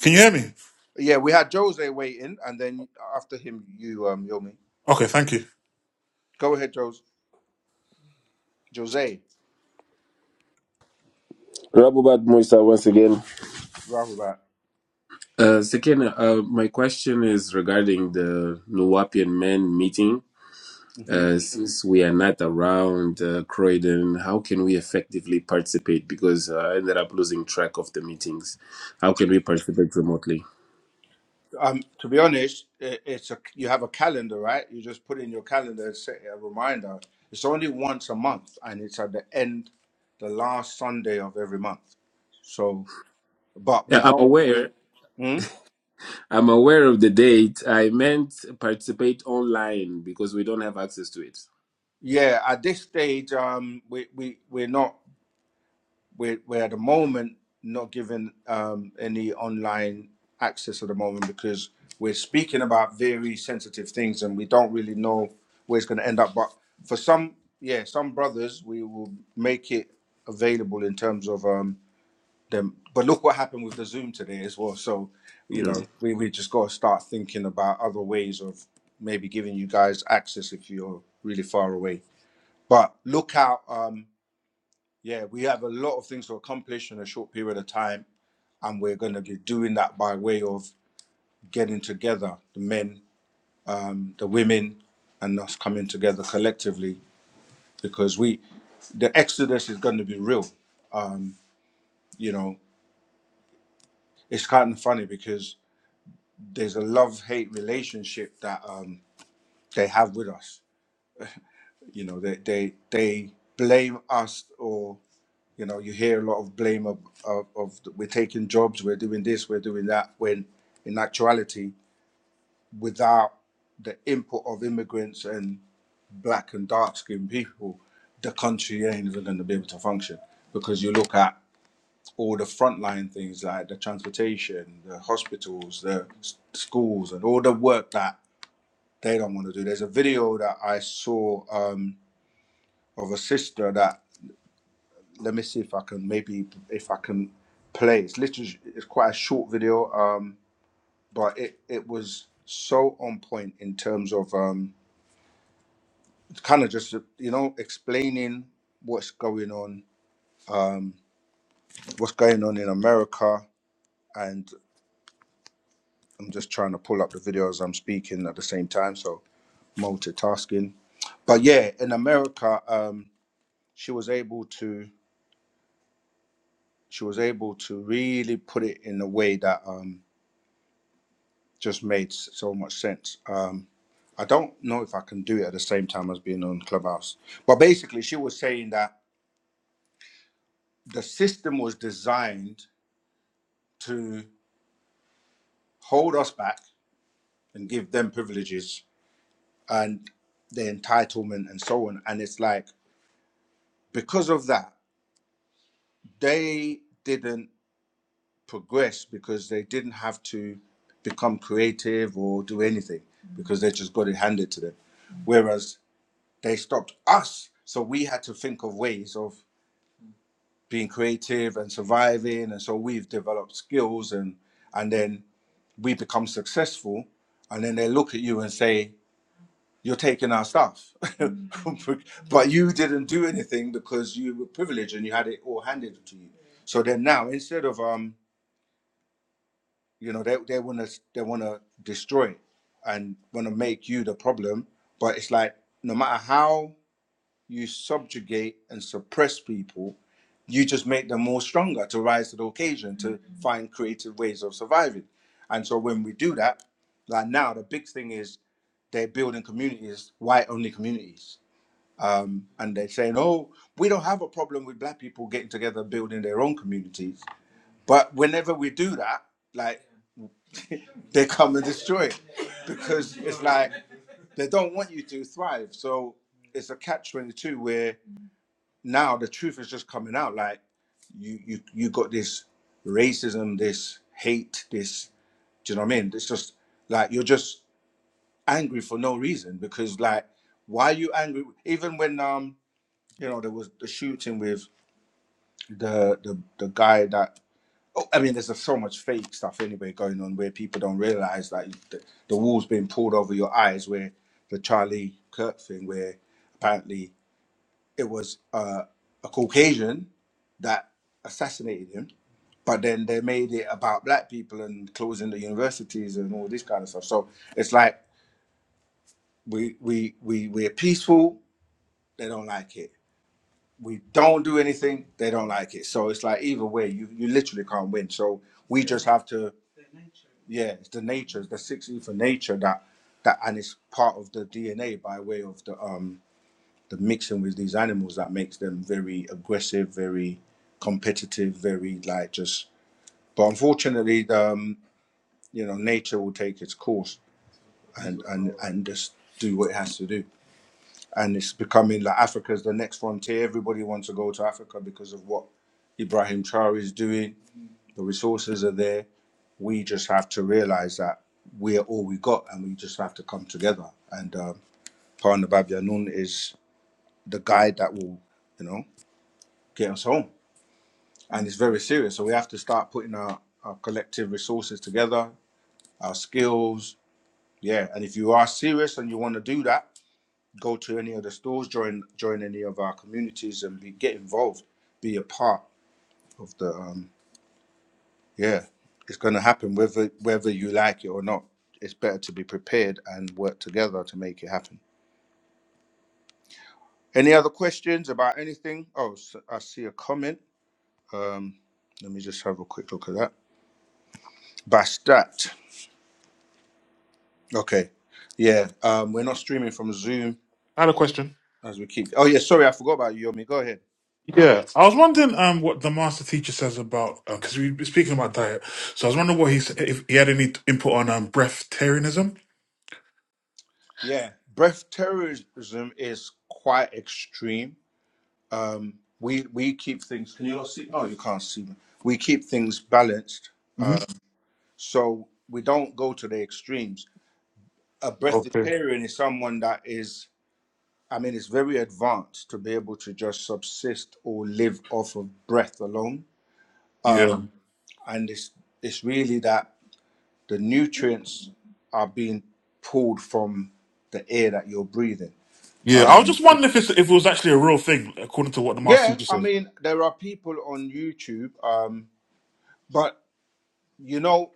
G: Can you hear me?
A: Yeah, we had Jose waiting, and then after him, you um Yomi.
G: Okay, thank you.
A: Go ahead, Jose. Jose.
E: Rabubat Musa once again.
A: Rahul back.
E: Uh, second, uh, my question is regarding the Nuwapian men meeting. Uh, since we are not around uh, Croydon, how can we effectively participate? Because uh, I ended up losing track of the meetings. How can we participate remotely?
A: Um, to be honest, i it's a you have a calendar, right? You just put in your calendar and set a reminder. It's only once a month, and it's at the end, the last Sunday of every month. So, but
E: Yeah,
A: we
E: I'm
A: don't we.
E: aware.
A: Hmm?
E: I'm aware of the date. I meant participate online because we don't have access to it.
A: Yeah, at this stage, um, we we we're not. we're, we're at the moment not given um, any online access at the moment because we're speaking about very sensitive things and we don't really know where it's going to end up. But for some, yeah, some brothers, we will make it available in terms of um, them. But look what happened with the Zoom today as well. So, you know,
E: Yeah.
A: we, we just got to start thinking about other ways of maybe giving you guys access if you're really far away. But look out. Um, yeah, we have a lot of things to accomplish in a short period of time, and we're going to be doing that by way of getting together, the men, um, the women, and us coming together collectively because we the exodus is going to be real. You know, it's kind of funny because there's a love hate relationship that um, they have with us. You know, they they they blame us or you know you hear a lot of blame of, of, of we're taking jobs we're doing this we're doing that when in actuality without the input of immigrants and black and dark skinned people, the country ain't even going to be able to function. Because you look at all the frontline things like the transportation, the hospitals, the s- schools, and all the work that they don't want to do. There's a video that I saw um, of a sister that, let me see if I can maybe, if I can play. It's literally, it's quite a short video, um, but it, it was so on point in terms of. Um, kind of just you know explaining what's going on um what's going on in america and i'm just trying to pull up the video as i'm speaking at the same time so multitasking but yeah in america um she was able to she was able to really put it in a way that um just made s- so much sense um i don't know if i can do it at the same time as being on clubhouse but basically she was saying that the system was designed to hold us back and give them privileges and the entitlement and so on. And it's like because of that, they didn't progress because they didn't have to become creative or do anything because they just got it handed to them. Whereas they stopped us. So we had to think of ways of being creative and surviving. And so we've developed skills and and then we become successful. And then they look at you and say, you're taking our stuff. but you didn't do anything because you were privileged and you had it all handed to you. So then now, instead of um, you know, they they wanna they wanna destroy and wanna make you the problem. But it's like no matter how you subjugate and suppress people, you just make them more stronger to rise to the occasion to find creative ways of surviving. And so when we do that, like now, the big thing is they're building communities, white only communities um, and they're saying, "Oh, we don't have a problem with black people getting together, building their own communities." But whenever we do that, like they come and destroy it because it's like they don't want you to thrive. So it's a catch twenty two where now the truth is just coming out. Like you, you, you got this racism, this hate, this. Do you know what I mean? It's just like you're just angry for no reason because like why are you angry? Even when um you know there was the shooting with the the the guy that oh, I mean, there's just so much fake stuff anyway going on where people don't realize that the, the wool's being pulled over your eyes. Where the Charlie Kirk thing, where apparently it was uh, a Caucasian that assassinated him, but then they made it about black people and closing the universities and all this kind of stuff. So it's like we we we we're peaceful. They don't like it we don't do anything, they don't like it. So it's like either way, you you literally can't win. So we Yeah. just have to, yeah, it's the nature, it's the six E nature that that and it's part of the DNA by way of the um the mixing with these animals that makes them very aggressive, very competitive, very like just. But unfortunately, the, um, you know, nature will take its course and and and just do what it has to do. and it's becoming like Africa's the next frontier. Everybody wants to go to Africa because of what Ibrahim Traore is doing. The resources are there. We just have to realize that we are all we got, and we just have to come together. And um, Pana Babyanun is the guide that will, you know, get us home. And it's very serious. So we have to start putting our, our collective resources together, our skills. Yeah. And if you are serious and you want to do that, go to any of the stores, join join any of our communities, and be, get involved, be a part of the. Um, yeah, it's going to happen whether whether you like it or not. It's better to be prepared and work together to make it happen. Any other questions about anything? Oh, s I I see a comment. Um, let me just have a quick look at that. Bastat. Okay. Yeah. Um, we're not streaming from Zoom
G: I had a question.
A: as we keep. Oh yeah. Sorry, I forgot about you, Yomi. Go ahead.
G: Yeah, I was wondering um what the master teacher says about because we were speaking about diet, so I was wondering what he s- if he had any input on um breatharianism.
A: Yeah, breath terrorism is quite extreme um, we we keep things. Can you not see? Oh, you can't see me. We keep things balanced,
G: hmm
A: um, so we don't go to the extremes. A
G: Okay.
A: breatharian is someone that is, I mean, it's very advanced to be able to just subsist or live off of breath alone,
G: Yeah,
A: and it's it's really that the nutrients are being pulled from the air that you're breathing.
G: yeah. I was
A: Um,
G: just wondering if it's, if it was actually a real thing according to what the master
A: yeah,
G: teacher
A: I
G: says.
A: mean, there are people on YouTube, um, but you know.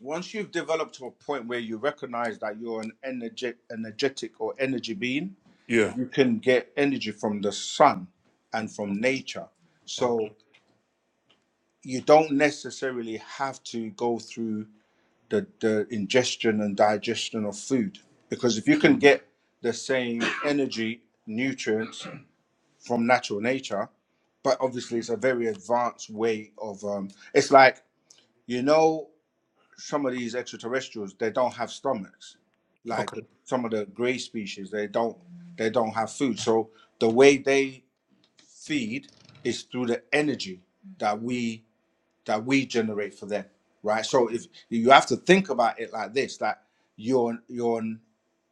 A: once you've developed to a point where you recognize that you're an energetic, energetic or energy being,
G: Yeah.
A: you can get energy from the sun and from nature.
G: Okay.
A: So you don't necessarily have to go through the, the ingestion and digestion of food because if you can
G: Mm.
A: get the same energy, nutrients from natural nature, but obviously it's a very advanced way of um, it's like you know some of these extraterrestrials they don't have stomachs like
G: Okay.
A: some of the gray species they don't they don't have food so the way they feed is through the energy that we that we generate for them right so if you have to think about it like this that you're you're an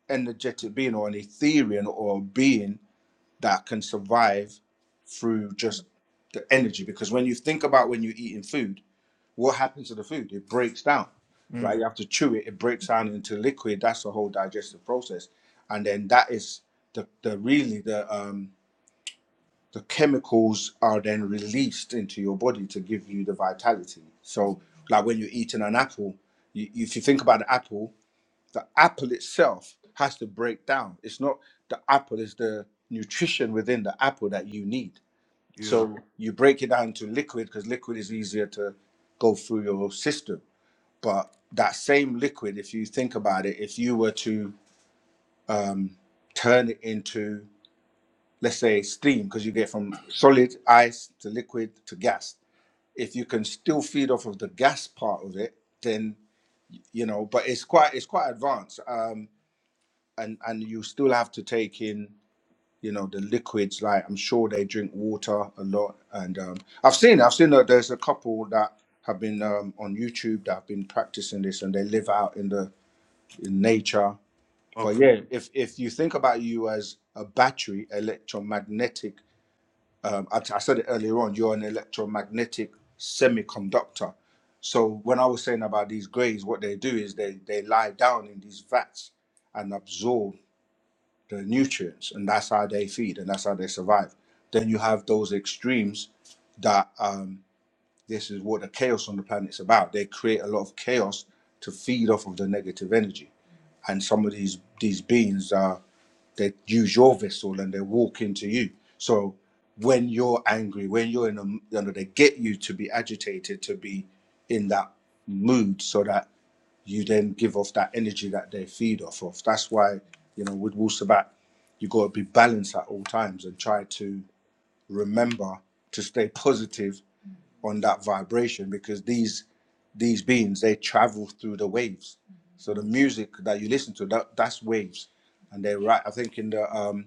A: energetic being or an ethereal or a being that can survive through just the energy because when you think about when you're eating food what happens to the food? It breaks down, right?
G: Mm.
A: You have to chew it, it breaks down into liquid. That's the whole digestive process. And then that is the, the really the um the chemicals are then released into your body to give you the vitality. So like when you're eating an apple, you, if you think about the apple, the apple itself has to break down. It's not the apple, is the nutrition within the apple that you need.
G: Yeah.
A: So you break it down to liquid because liquid is easier to go through your system. But that same liquid, if you think about it, if you were to um, turn it into, let's say, steam, because you get from solid ice to liquid to gas, if you can still feed off of the gas part of it, then you know. But it's quite it's quite advanced, um, and and you still have to take in you know the liquids. Like I'm sure they drink water a lot, and um, I've seen I've seen that there's a couple that have been um, on YouTube that have been practicing this, and they live out in the in nature But
G: Okay.
A: yeah, if if you think about you as a battery, electromagnetic, um, I, I said it earlier on, you're an electromagnetic semiconductor. So when I was saying about these grays, what they do is they they lie down in these vats and absorb the nutrients, and that's how they feed and that's how they survive. Then you have those extremes that um, this is what the chaos on the planet's about. They create a lot of chaos to feed off of the negative energy. And some of these these beings are they use your vessel and they walk into you. So when you're angry, when you're in a, you know, they get you to be agitated, to be in that mood, so that you then give off that energy that they feed off of. That's why, you know, with Wusabat, you got to be balanced at all times and try to remember to stay positive on that vibration because these these beings they travel through the waves. So the
G: Mm.
A: music that you listen to that that's waves, and they right. I think in the um,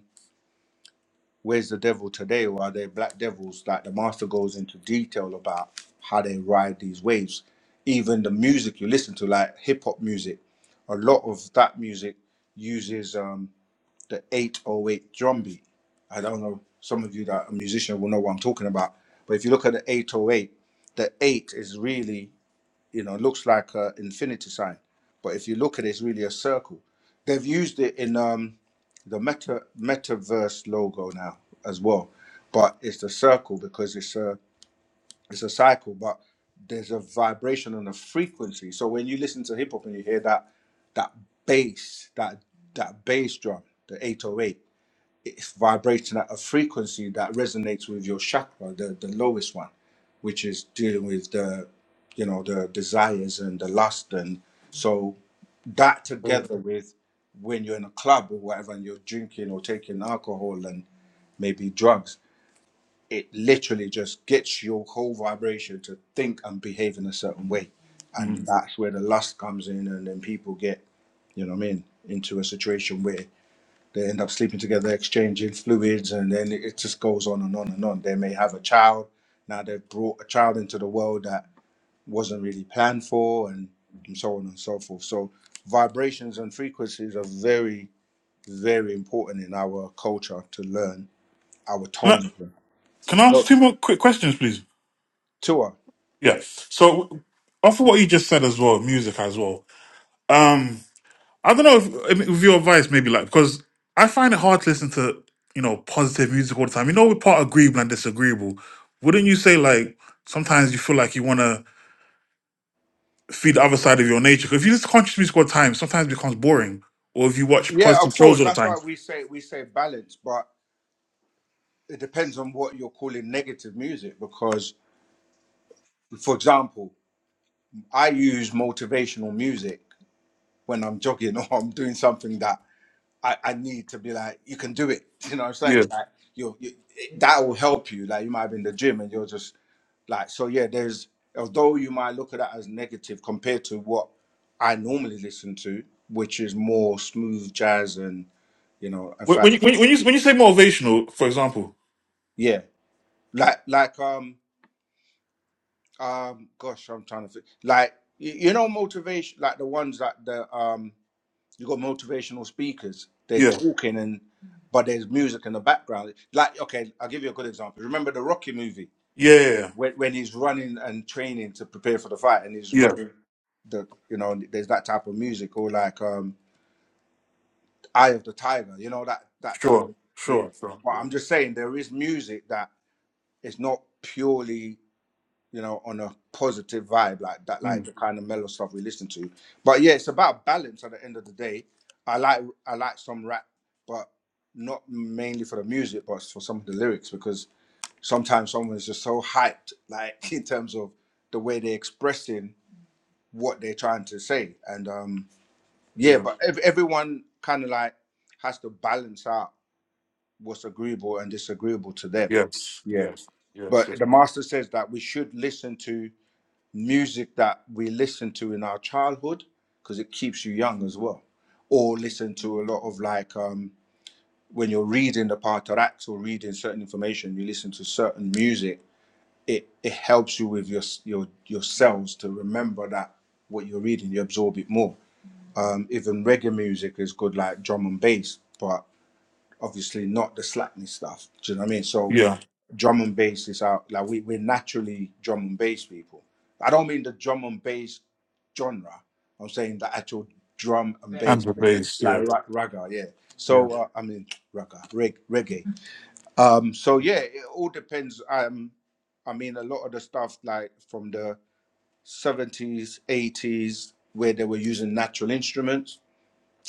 A: "Where's the Devil Today" or "Are They Black Devils?" that the master goes into detail about how they ride these waves. Even the music you listen to, like hip hop music, a lot of that music uses. um, the 808 drum beat. I don't know, some of you that are musicians will know what I'm talking about. But if you look at the 808, the 8 is really, you know, looks like an infinity sign. But if you look at it, it's really a circle. They've used it in um, the meta metaverse logo now as well. But it's the circle because it's a it's a cycle, but there's a vibration and a frequency. So when you listen to hip hop and you hear that that bass, that that bass drum, the 808 it's vibrating at a frequency that resonates with your chakra, the, the lowest one, which is dealing with the, you know, the desires and the lust. And so that
G: Okay.
A: together with when you're in a club or whatever and you're drinking or taking alcohol and maybe drugs, it literally just gets your whole vibration to think and behave in a certain way. And
G: Mm.
A: that's where the lust comes in and then people get, you know what I mean, into a situation where they end up sleeping together, exchanging fluids, and then it just goes on and on and on. They may have a child. Now they've brought a child into the world that wasn't really planned for, and, and so on and so forth. So, vibrations and frequencies are very, very important in our culture to learn our
G: Can I
A: tone.
G: can I ask
A: So,
G: two more quick questions, please?
A: Tua.
G: Yeah. So, off of what you just said as well, music as well. Um, I don't know if, if with your advice, maybe like because I find it hard to listen to you know positive music all the time. You know, we're part agreeable and disagreeable. Wouldn't you say like sometimes you feel like you want to feed the other side of your nature? 'Cause if you listen to conscious music all the time, sometimes it becomes boring. Or if you watch
A: Yeah, of
G: positive shows
A: course.
G: all the
A: That's why
G: time,
A: we say we say balance, but it depends on what you're calling negative music. Because, for example, I use motivational music when I'm jogging or I'm doing something that I, I need to be like, you can do it. You know what I'm
G: yeah.
A: saying? Like you, you that will help you. Like you might be in the gym and you're just like, so yeah, there's although you might look at that as negative compared to what I normally listen to, which is more smooth jazz and you know, in
G: When when
A: fact,
G: you when you when you when you say motivational, for example,
A: yeah. Like like um um gosh, I'm trying to think like you, you know motivation like the ones that the um you got motivational speakers. They're
G: yeah,
A: talking and but there's music in the background. Like, okay, I'll give you a good example. Remember the Rocky movie
G: yeah, yeah, yeah,
A: when when he's running and training to prepare for the fight and he's
G: Yeah.
A: running the you know, there's that type of music or like um Eye of the Tiger, you know, that that type
G: sure,
A: of yeah.
G: sure, sure,
A: But
G: yeah,
A: I'm just saying there is music that is not purely you know, on a positive vibe like that, like
G: Mm.
A: the kind of mellow stuff we listen to. But yeah, it's about balance at the end of the day. I like I like some rap, but not mainly for the music, but for some of the lyrics because sometimes someone is just so hyped, like in terms of the way they're expressing what they're trying to say. And um yeah,
G: yeah,
A: but ev- everyone kind of like has to balance out what's agreeable and disagreeable to them.
G: yes,
A: Yeah.
G: yes, yes,
A: But
G: yes,
A: the master says that we should listen to music that we listen to in our childhood because it keeps you young as well or listen to a lot of like um, when you're reading the partaraks or reading certain information you listen to certain music it, it helps you with your, your your cells to remember that what you're reading you absorb it more um, even reggae music is good like drum and bass but obviously not the slackness stuff. Do you know what I mean? So
G: yeah,
A: drum and bass is our like we, we're naturally drum and bass people. I don't mean the drum and bass genre. I'm saying the actual drum and Right.
G: and
A: bass,
G: the bass,
A: like
G: yeah.
A: ra- ragga, yeah. So uh, I mean ragga, reg- reggae. Um, so yeah, it all depends. Um, I mean a lot of the stuff like from the 70s, 80s, where they were using natural instruments,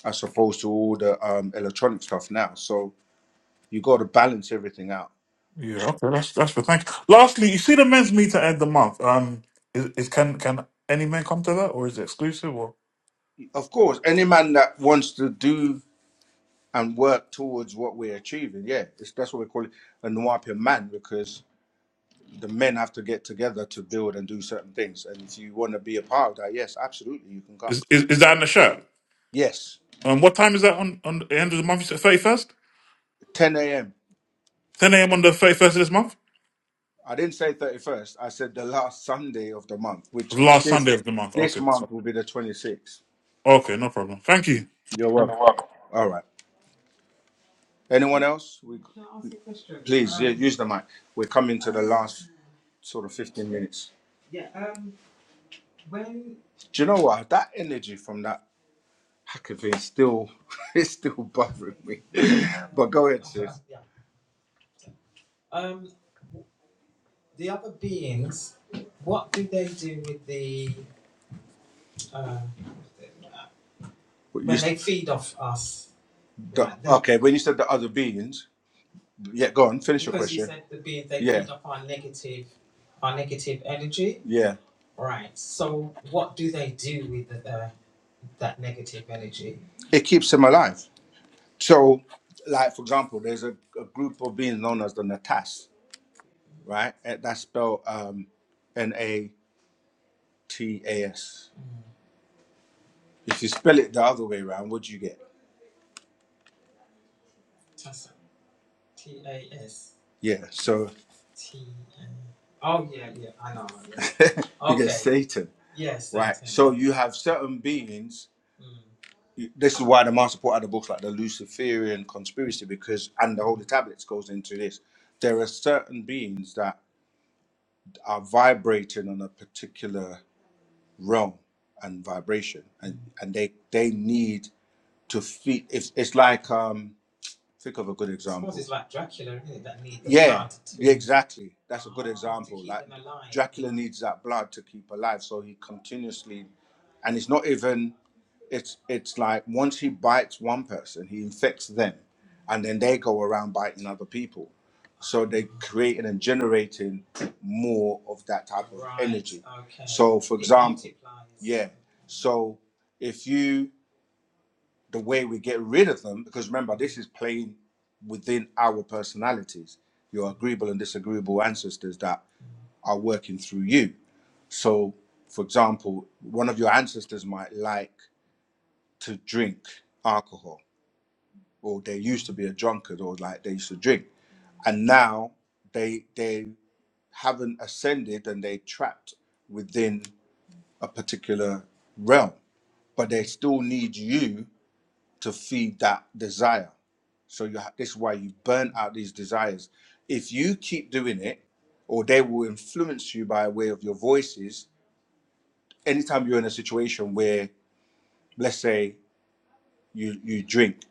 A: as opposed to all the um, electronic stuff now. So you got to balance everything out.
G: Yeah, okay, that's that's for thanks. Lastly, you see the men's meeting at end of the month. Um, is, is can can any men come to that, or is it exclusive, or
A: Of course, any man that wants to do and work towards what we're achieving, yeah, it's, that's what we call it a Nuapian man because the men have to get together to build and do certain things. And if you want to be a part of that, yes, absolutely, you can come.
G: is is, is that in the show?
A: Yes,
G: Um, what time is that on on the end of the month? You said thirty first,
A: 10 a.m.
G: ten a.m. on the thirty first of this month,
A: I didn't say 31st. I said the last Sunday of the month, which
G: the last
A: this
G: Sunday of the month.
A: this
G: Okay, so,
A: month will be the 26th.
G: okay, no problem. Thank you.
A: You're
G: You're
A: welcome.
G: welcome.
A: All right. Anyone else? We use the mic. We're coming to the last sort of 15 minutes. Do you know what? That energy from that hacker still it's still bothering me. But go ahead, Sid. Okay, when you said the other beings, yeah, go on, finish. Yeah, it keeps them alive. So, like for example, there's a, a group of beings known as the Natas, right? Eh, That's spelled um, N A T A S. If you spell it the other way around, what do you get? Yeah, so Satan. So you have certain beings this is why the master put other books like the Luciferian conspiracy because and the Holy Tablets goes into this. There are certain beings that are vibrating on a particular realm and vibration, and and they they need to feed. It's it's like um think of a good example. Exactly, that Dracula needs that blood to keep alive, so he continuously and it's not even it's it's like once he bites one person, he infects them, and then they go around biting other people. So they're creating and generating more of that type. Yeah. So if you the way we get rid of them, because remember this is playing within our personalities, your agreeable and disagreeable ancestors that are working through you. So, for example, one of your ancestors might like to drink alcohol or they used to be a drunkard or like they used to drink and now they they haven't ascended and they trapped within a particular realm but they still need you to feed that desire so you ha- this is why you burn out these desires if you keep doing it or they will influence you by way of your voices anytime you're in a situation where let's say you you drink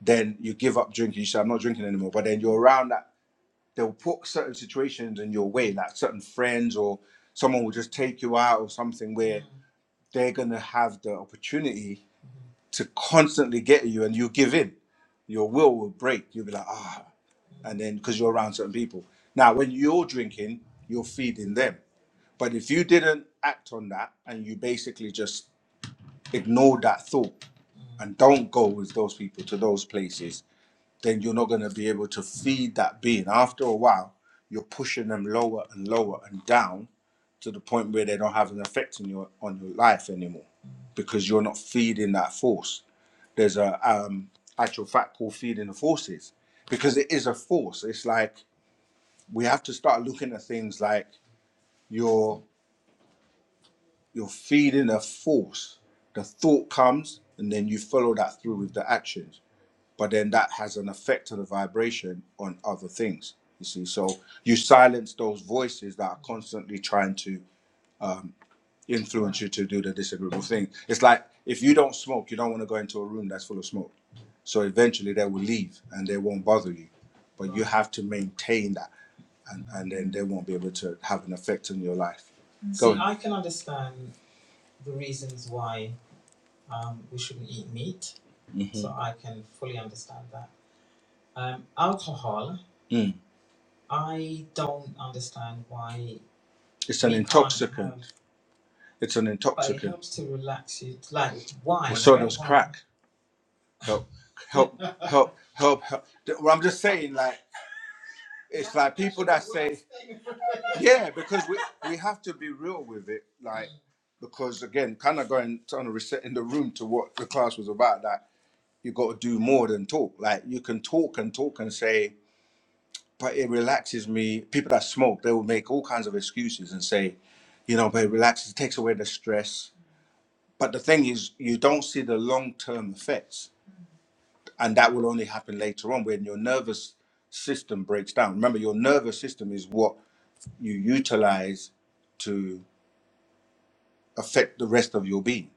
A: then you give up drinking you say i'm not drinking anymore but then you're around that they'll put certain situations in your way, like certain friends or someone will just take you out or something where Mm. they're gonna have the opportunity to constantly get you and you give in. Your will will break. You'll be like, ah, and then because you're around certain people. Now, when you're drinking, you're feeding them. But if you didn't act on that and you basically just ignore that thought and don't go with those people to those places then you're not going to be able to feed that being. After a while, you're pushing them lower and lower and down to the point where they don't have an effect on your on your life anymore, because you're not feeding that force. There's a um, actual fact called feeding the forces, because it is a force. It's like we have to start looking at things like you're you're feeding a force. The thought comes, and then you follow that through with the actions but then that has an effect on the vibration on other things you see so you silence those voices that are constantly trying to um, influence you to do the disagreeable thing it's like if you don't smoke you don't want to go into a room that's full of smoke so eventually they will leave and they won't bother you but you have to maintain that and, and then they won't be able to have an effect on your life Mm. it's, it's an intox help help help help help well, i'm just saying like it's like people Yeah, because we we have to be real with it, like because again, kind of going trying to reset in the room to what the class was about. That you got to do more than talk. Like you can talk and talk and say, but it relaxes me. People that smoke, they will make all kinds of excuses and say, you know, but it relaxes, it takes away the stress. But the thing is, you don't see the long term effects, and that will only happen later on when your nervous system breaks down. Remember, your nervous system is what you utilize to. affect the rest of your being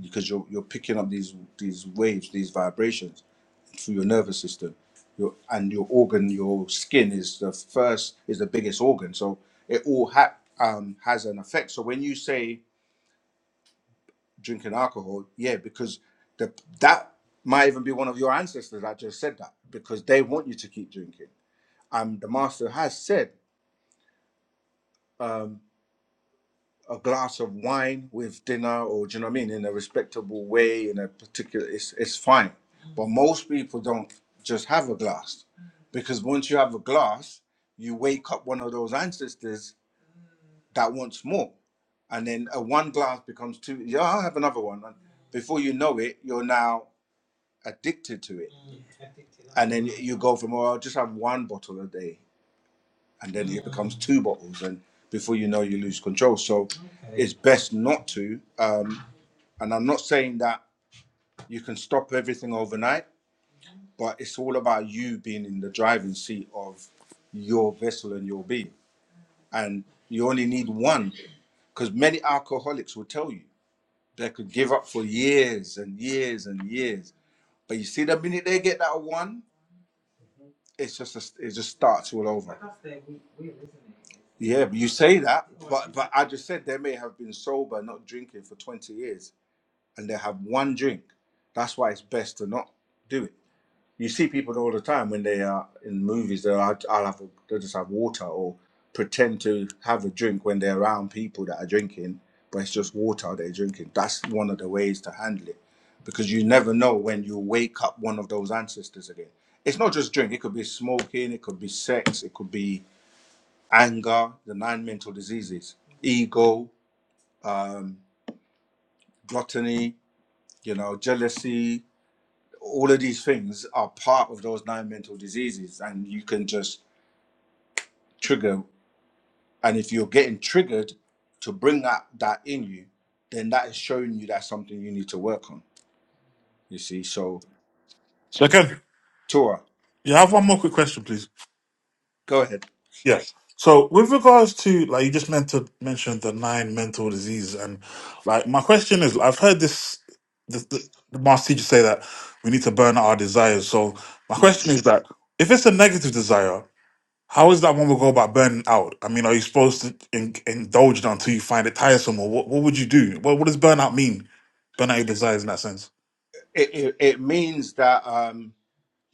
A: because you're you're picking up these these waves, these vibrations through your nervous system, your and your organ, your skin is the first is the biggest organ, so it all ha- um, has an effect. So when you say drinking alcohol, yeah, because the that might even be one of your ancestors that just said that because they want you to keep drinking. Um, the master has said. um. a glass of wine with dinner or do you know what I mean in a respectable way in a particular it's it's fine. But most people don't just have a glass. Because once you have a glass, you wake up one of those ancestors that wants more. And then a one glass becomes two yeah, I'll have another one. And before you know it, you're now addicted to it. You go from oh I'll just have one bottle a day and then becomes two bottles and before you know you lose control. So it's best not to. Um And I'm not saying that you can stop everything overnight, but it's all about you being in the driving seat of your vessel and your being. And you only need one, because many alcoholics will tell you they could give up for years and years and years. But you see, the minute they get that one, it's just a, it just starts all over. Yeah, but you say that, but I just said they may have been sober, not drinking for 20 years, and they have one drink. That's why it's best to not do it You see people all the time when they are in movies. They'll I'll, have they'll just have water or pretend to have a drink when they're around people that are drinking, but it's just water they're drinking. That's one of the ways to handle it, because you never know when you wake up one of those ancestors again. It's not just drink. It could be smoking. It could be sex. It could be anger. The nine mental diseases: ego, um, gluttony. You know, jealousy all of these things are part of those nine mental diseases and you can just trigger and if you're getting triggered to bring that that in you then that is showing you that's something you need to work on you see so
G: Second,
A: tora
G: yeah, I have one more quick question, please.
A: go ahead
G: Yes. So with regards to like you just meant to mention the nine mental diseases and like my question is I've heard this the, the, the master teacher say that we need to burn out our desires. So my
A: Mm.
G: question is that if it's a negative desire, how is that one will go about burning out? I mean, are you supposed to in, indulge it until you find it tiresome, or what? What would you do? What, what does burnout mean? Burn out your desires in that sense.
A: it, it, it means that um,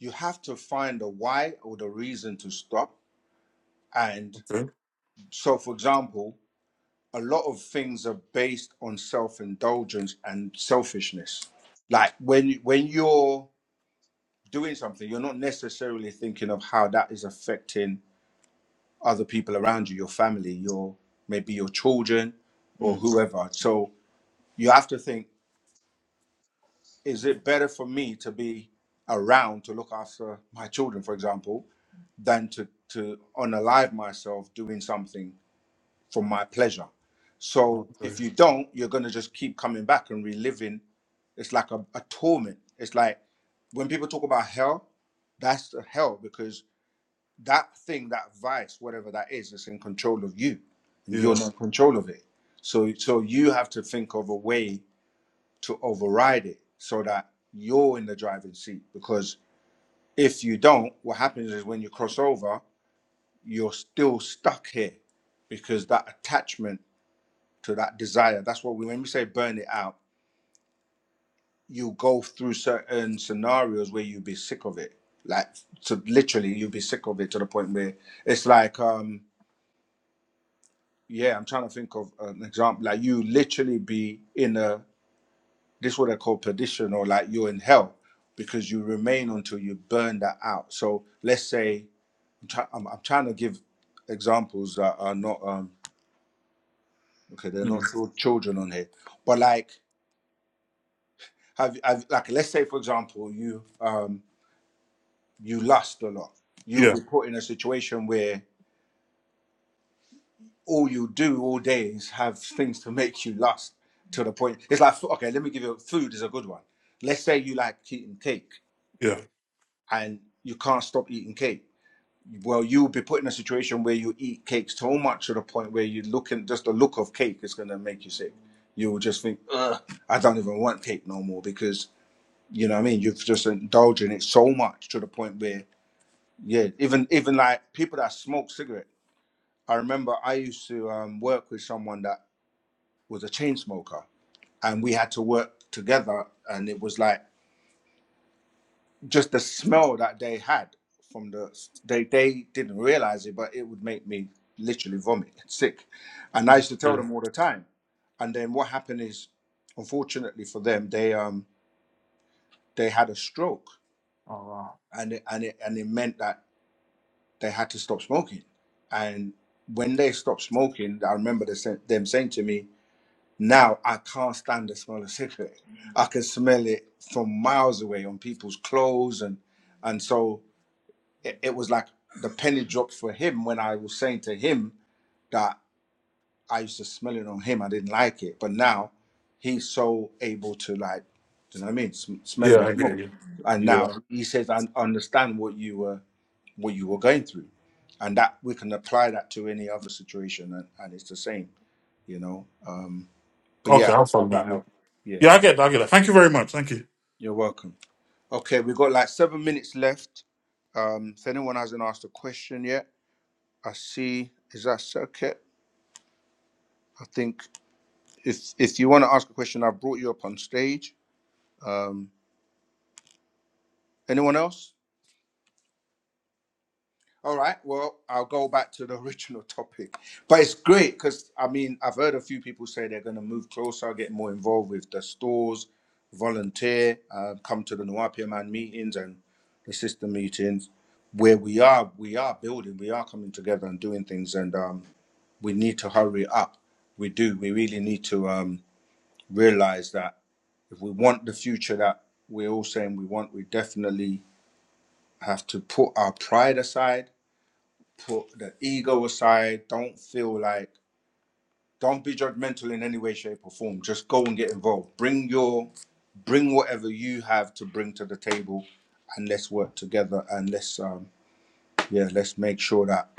A: you have to find a why or the reason to stop. And
G: Okay.
A: so, for example, a lot of things are based on self indulgence and selfishness. Like when when you're doing something, you're not necessarily thinking of how that is affecting other people around you, your family, your maybe your children or
G: Mm.
A: whoever. So you have to think, is it better for me to be around to look after my children, for example, than to, to unalive myself doing something for my pleasure? So
G: Okay.
A: if you don't, you're gonna just keep coming back and reliving. It's like a, a torment. It's like when people talk about hell, that's the hell because that thing, that vice, whatever that is, is in control of you, and you're
G: Yeah.
A: not in control of it. So, so you have to think of a way to override it, so that you're in the driving seat. Because if you don't, what happens is when you cross over, you're still stuck here, because that attachment to that desire. That's what we when we say burn it out. You go through certain scenarios where you'll be sick of it. Like, so literally, you'll be sick of it to the point where it's like um yeah, I'm trying to think of an example. Like you literally be in a this what I call perdition, or like you're in hell because you remain until you burn that out. So let's say I'm, try, I'm, I'm trying to give examples that are not um okay, they're not
G: Mm.
A: all children on here, but like have, have like let's say for example you um you lust a lot. You'll
G: Yeah.
A: be put in a situation where all you do all day is have things to make you lust to the point. It's like, okay, let me give you food is a good one. Let's say you like eating cake
G: Yeah.
A: and you can't stop eating cake. Well, you'll be put in a situation where you eat cake so much to the point where you look and just the look of cake is going to make you sick. You'll just think, Ugh, I don't even want cake no more because you know what I mean. You've just indulged in it so much to the point where, yeah, even even like people that smoke cigarette. I remember I used to um, work with someone that was a chain smoker, and we had to work together. And it was like just the smell that they had from the they they didn't realize it, but it would make me literally vomit, sick. And I used to tell them all the time. And then what happened is, unfortunately for them, they um they had a stroke, and it, and it and it meant that they had to stop smoking. And when they stopped smoking, I remember they, sa- them saying to me, Now I can't stand the smell of cigarette. I can smell it from miles away on people's clothes and and so it, it was like the penny dropped for him when I was saying to him that I used to smell it on him. I didn't like it, but now he's so able to like, do you know what I mean? Sm- smell
G: Yeah.
A: the
G: I
A: smoke,
G: get you.
A: and
G: Yeah.
A: now he says I understand what you were what you were going through, and that we can apply that to any other situation, and, and it's the same, you know. Um, but
G: Okay.
A: yeah, I
G: I'm
A: hope that
G: following.
A: helped. Yeah.
G: Yeah, I get that. I get that. Thank you very much. Thank you.
A: You're welcome. Okay, we've got like seven minutes left. Um, if anyone hasn't asked a question yet, I see. Is that circuit? I think if if you want to ask a question, I brought you up on stage. Um, anyone else? All right. Well, I'll go back to the original topic. But it's great because, I mean, I've heard a few people say they're going to move closer, get more involved with the stores, volunteer, uh, come to the Nawapia Man meetings and the sister meetings. Where we are, we are building, we are coming together and doing things, and um, we need to hurry up. We do. We really need to um, realize that if we want the future that we're all saying we want, we definitely have to put our pride aside put the ego aside. Don't feel like don't be judgmental in any way, shape, or form. Just go and get involved. Bring your bring whatever you have to bring to the table and let's work together and let's um yeah, let's make sure that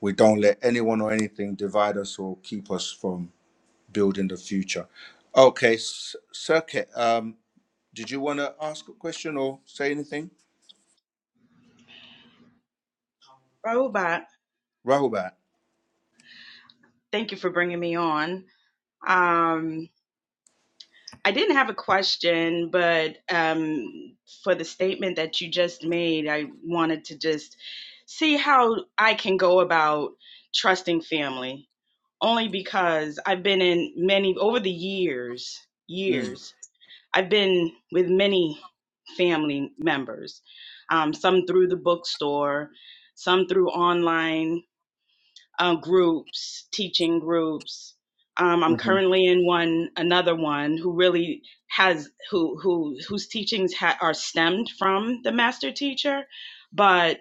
A: we don't let anyone or anything divide us or keep us from building the future. Okay, S- Circuit, um, did you want to ask a question or say anything?
H: Robot,
A: Rahubat.
H: thank you for bringing me on. Um, I didn't have a question, but um, for the statement that you just made, I wanted to just see how I can go about trusting family. Only because I've been in many, over the years,
A: Mm.
H: years, I've been with many family members, um, some through the bookstore, some through online uh, groups, teaching groups. Um, I'm
A: hmm
H: currently in one, another one who really has who who whose teachings ha- are stemmed from the master teacher, but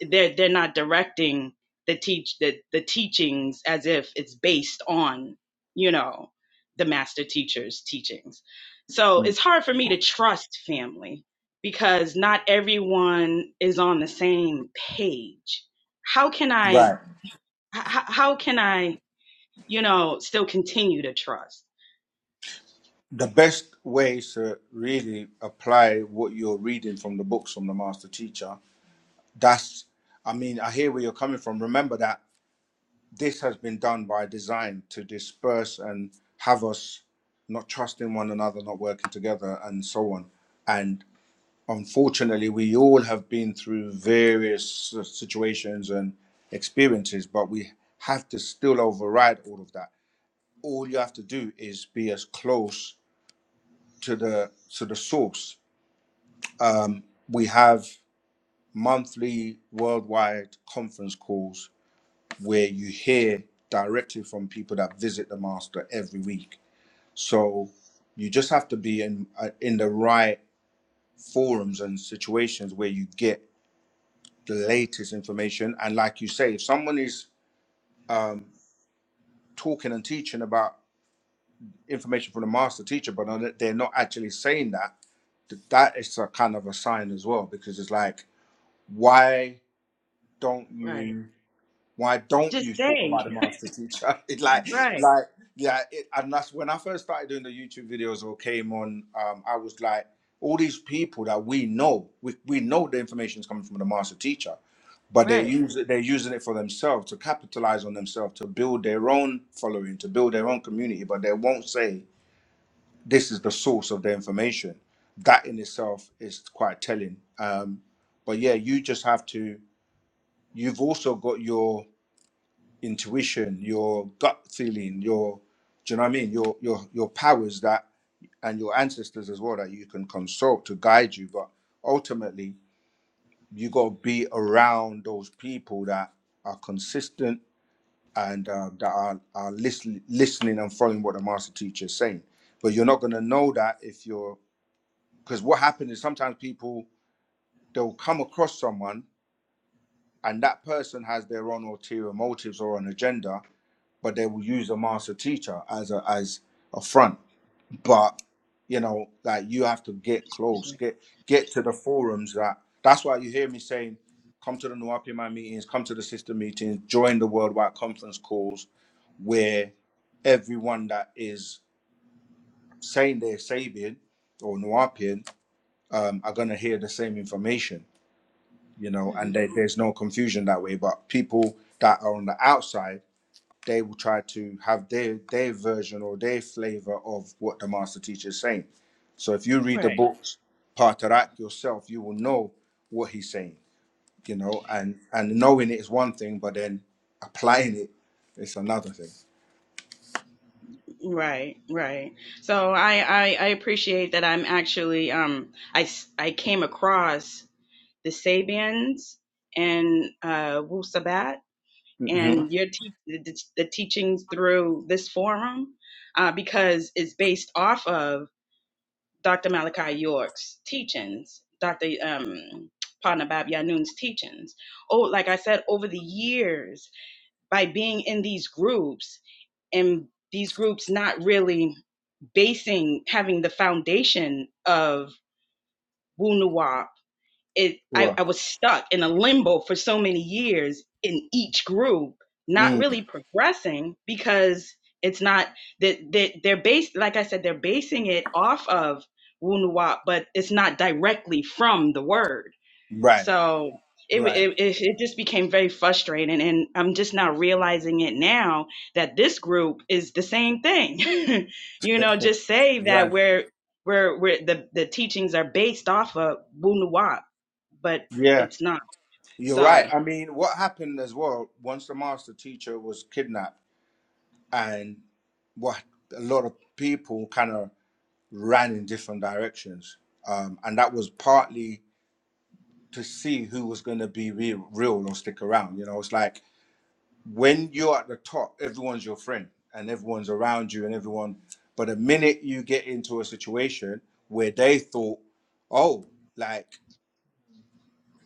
H: they're they're not directing the teach the the teachings as if it's based on you know the master teacher's teachings. So it's hard for me to trust family because not everyone is on the same page. How can I?
A: Right.
H: H- how can I, you know, still continue to trust?
A: the best way to really apply what you're reading from the books from the master teacher that's i mean i hear where you're coming from remember that this has been done by design to disperse and have us not trusting one another not working together and so on and unfortunately we all have been through various s- situations and experiences but we have to still override all of that all you have to do is be as close to the to the source um, we have monthly worldwide conference calls where you hear directly from people that visit the master every week. So you just have to be in uh, in the right forums and situations where you get the latest information. And like you say, if someone is um, talking and teaching about information from the master teacher, but not- they're not actually saying that, th- that is a kind of a sign as well, because it's like, why don't
H: Right.
A: you? why don't you
H: Just
A: talk about
H: say,
A: the master teacher? It like
H: right,
A: like yeah, it, and that's when I first started doing the YouTube videos or came on. Um, I was like, all these people that we know, we, we know the information is coming from the master teacher, but they
H: right.
A: use it, they're using it for themselves to capitalize on themselves to build their own following, to build their own community, but they won't say this is the source of the information. That in itself is quite telling. Um, but yeah, you just have to. You've also got your intuition, your gut feeling, your do you know what I mean? Your your your powers that and your ancestors as well that you can consult to guide you. But ultimately you gotta be around those people that are consistent and uh, that are, are listen, listening and following what the master teacher is saying. But you're not gonna know that if you're because what happens is sometimes people they'll come across someone and that person has their own ulterior motives or an agenda but they will use a master teacher as a as a front. But you know, like you have to get close, get get to the forums. That that's why you hear me saying, come to the Nuwapi meetings, come to the sister meetings, join the worldwide conference calls, where everyone that is saying they're Sabian or Nuwapian um, are gonna hear the same information. You know, and
H: Mhm.
A: there, there's no confusion that way. But people that are on the outside they will try to have their their version or their flavor of what the master teacher is saying. So if you read the
H: Right,
A: books, Patarak yourself, you will know what he's saying, you know, and and knowing it is one thing, but then applying it is another thing.
H: right, right. So I, I, I appreciate that I'm actually, um, I, s- I came across the Sabians and, uh, Wu Sabat
A: hmm
H: and your te- the, the the teachings through this forum, uh, because it's based off of Dr. Malachi York's teachings, Dr. Um, Panabab Yanun's teachings. Oh, like I said, over the years, by being in these groups and these groups not really basing, having the foundation of Wu Nuwa it I,
A: Sure.
H: I was stuck in a limbo for so many years in each group, not
A: Mm.
H: really progressing because it's not that they, they're based like I said, they're basing it off of Wunuwap, but it's not directly from the word.
A: Right.
H: So it,
A: Right.
H: it it it just became very frustrating, and I'm just now realizing it now that this group is the same thing. you know, just say that
A: Right.
H: we're where where the, the teachings are based off of Wunuwap but
A: Yeah.
H: it's not.
A: You're right.
H: So,
A: I mean, what happened as well once the master teacher was kidnapped, and what a lot of people kind of ran in different directions. Um, and that was partly to see who was going to be real, real or stick around. You know, it's like when you're at the top, everyone's your friend and everyone's around you and everyone. But the minute you get into a situation where they thought, oh, like,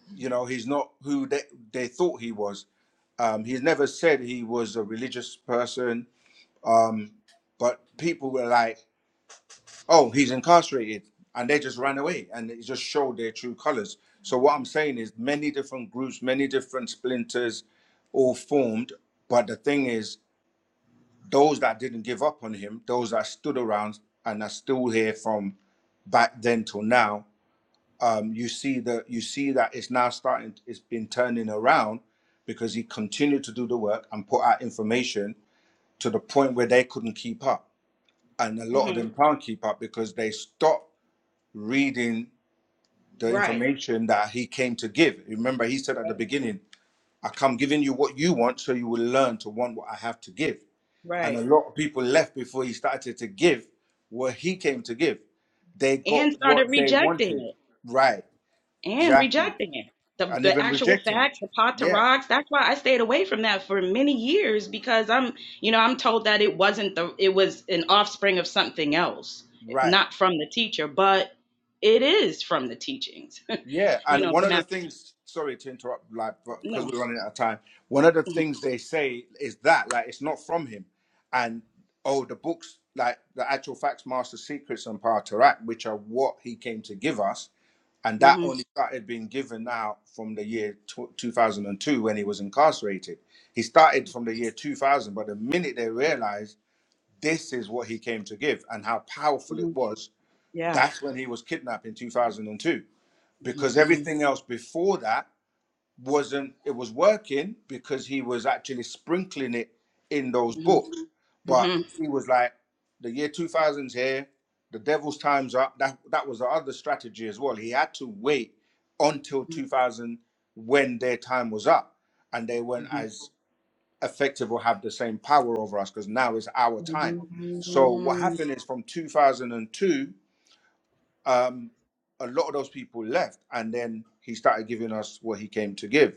A: you know, he's not who they, they thought he was. Um, he's never said he was a religious person. Um, but people were like, Oh, he's incarcerated, and they just ran away, and it just showed their true colors. So what I'm saying is, many different groups, many different splinters, all formed. But the thing is, those that didn't give up on him, those that stood around and are still here from back then till now, um, you see that you see that it's now starting. It's been turning around because he continued to do the work and put out information to the point where they couldn't keep up, and a lot of
H: mhm,
A: them can't keep up because they stopped reading the
H: right,
A: information that he came to give. Remember, he said at the beginning, I come giving you what you want so you will learn to want what I have to give. And a
H: right.
A: lot of people left before he started to give what he came to give. They got
H: And
A: what
H: started
A: they
H: rejecting
A: wanted.
H: it
A: Right,
H: and
A: exactly.
H: rejecting it. The,
A: And
H: the
A: even
H: actual
A: rejecting it.
H: facts, the pot to
A: Yeah,
H: rocks. That's why I stayed away from that for many years because I'm, you know, I'm told that it wasn't the, it was an offspring of something else,
A: right.
H: not from the teacher, but it is from the teachings,
A: Yeah,
H: you
A: and
H: know,
A: one
H: the
A: of the
H: math teacher.
A: things, sorry to interrupt, like, because
H: No.
A: we're running out of time, one of the
H: hmm
A: things they say is that, like, it's not from him. And, oh, the books, like, the actual facts, Master Secrets and Power to Act, which are what he came to give us, and that
H: hmm
A: only started being given out from the year tw 2002 when he was incarcerated. He started from the year 2000, but the minute they realized this is what he came to give and how powerful
H: hmm
A: it was,
H: Yeah.
A: that's when he was kidnapped in 2002
H: hmm
A: because
H: hmm
A: everything else before that wasn't it was working because he was actually sprinkling it in those
H: hmm
A: books but
H: hmm
A: he was like the year 2000's here the devil's time's up that that was the other strategy as well he had to wait until 2000 when their time was up and they weren't
H: hmm Mhm.
A: as effective or have the same power over us because now is our time
H: mhm,
A: so what
H: mhm,
A: happened is from 2002 um, a lot of those people left, and then he started giving us what he came to give.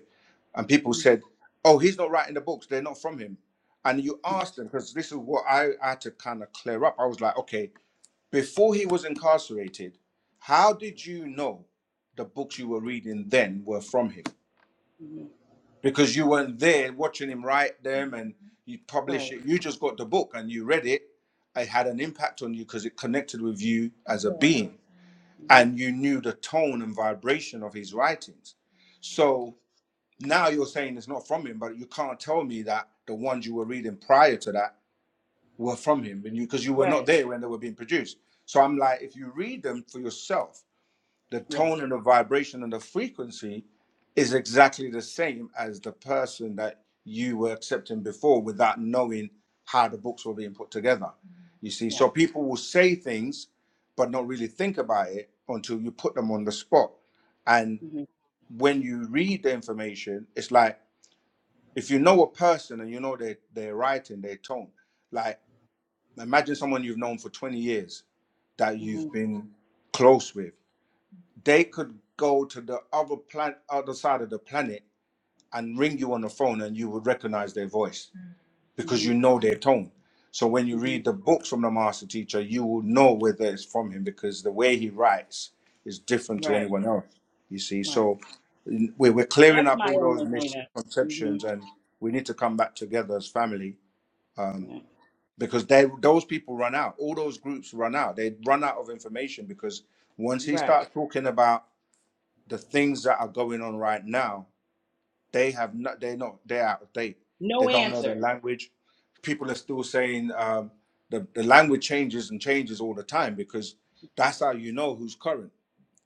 A: And people said, "Oh, he's not writing the books; they're not from him." And you asked them because this is what I, I had to kind of clear up. I was like, "Okay, before he was incarcerated, how did you know the books you were reading then were from him?
H: mhm.
A: Because you weren't there watching him write them and you publish
H: Right.
A: it. You just got the book and you read it. It had an impact on you because it connected with you as a
H: Yeah.
A: being."
H: hmm
A: and you knew the tone and vibration of his writings. So now you're saying it's not from him, but you can't tell me that the ones you were reading prior to that were from him, and you because you were not
H: Right.
A: there when they were being produced. So I'm like, if you read them for yourself, the
H: Yeah.
A: tone and the vibration and the frequency is exactly the same as the person that you were accepting before without knowing how the books were being put together. Mm-hmm. You see,
H: Yeah.
A: so people will say things but not really think about it until you put them on the spot. And
H: hmm
A: when you read the information, it's like if you know a person and you know their their writing, their tone, like imagine someone you've known for 20 years that
H: hmm
A: you've been close with they could go to the other planet, other side of the planet, and ring you on the phone, and you would recognize their voice because
H: hmm
A: you know their tone. So when you
H: hmm
A: read the books from the master teacher, you will know whether it's from him because the way he writes is different to
H: Right.
A: anyone else. You see,
H: Right.
A: so n- we- we're clearing
H: That's
A: up
H: my
A: all those
H: only hang up. hmm
A: misconceptions, and we need to come back together as family um,
H: Yeah.
A: because they, those people run out. All those groups run out. They run out of information because once he
H: Right.
A: starts talking about the things that are going on right now, they have not. They not. They're out of date. They
H: No
A: don't know their
H: answer.
A: language. People are still saying um, the the language changes and changes all the time because that's how you know who's current.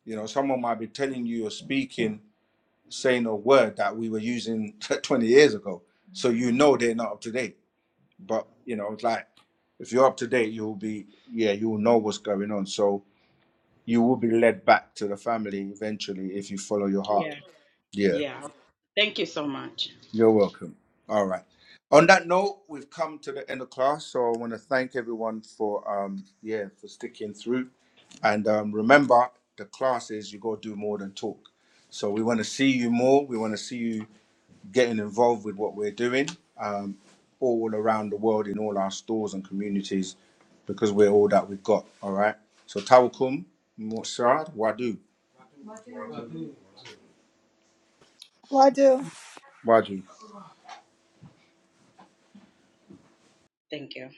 A: You know, someone might be telling you or speaking, saying a word that we were using 20 years ago, so you know they're not up to date. But you know, it's like if you're up to date, you'll be yeah, you'll know what's going on. So you
H: Mhm.
A: will be led back to the family eventually if you follow your
H: Yeah.
A: heart. Yeah.
H: Yeah. Thank you so much.
A: You're welcome. All right. On that note, we've come to the end of class, so I want to thank everyone for um yeah for sticking through, and um, remember the class is you got to do more than talk. So we want to see you more. We want to see you getting involved with what we're doing um, all around the world in all our stores and communities, because we're all that we've got. All right. So tawakum, mursad, wadu,
F: Well, I do.
A: wadu.
H: Thank you.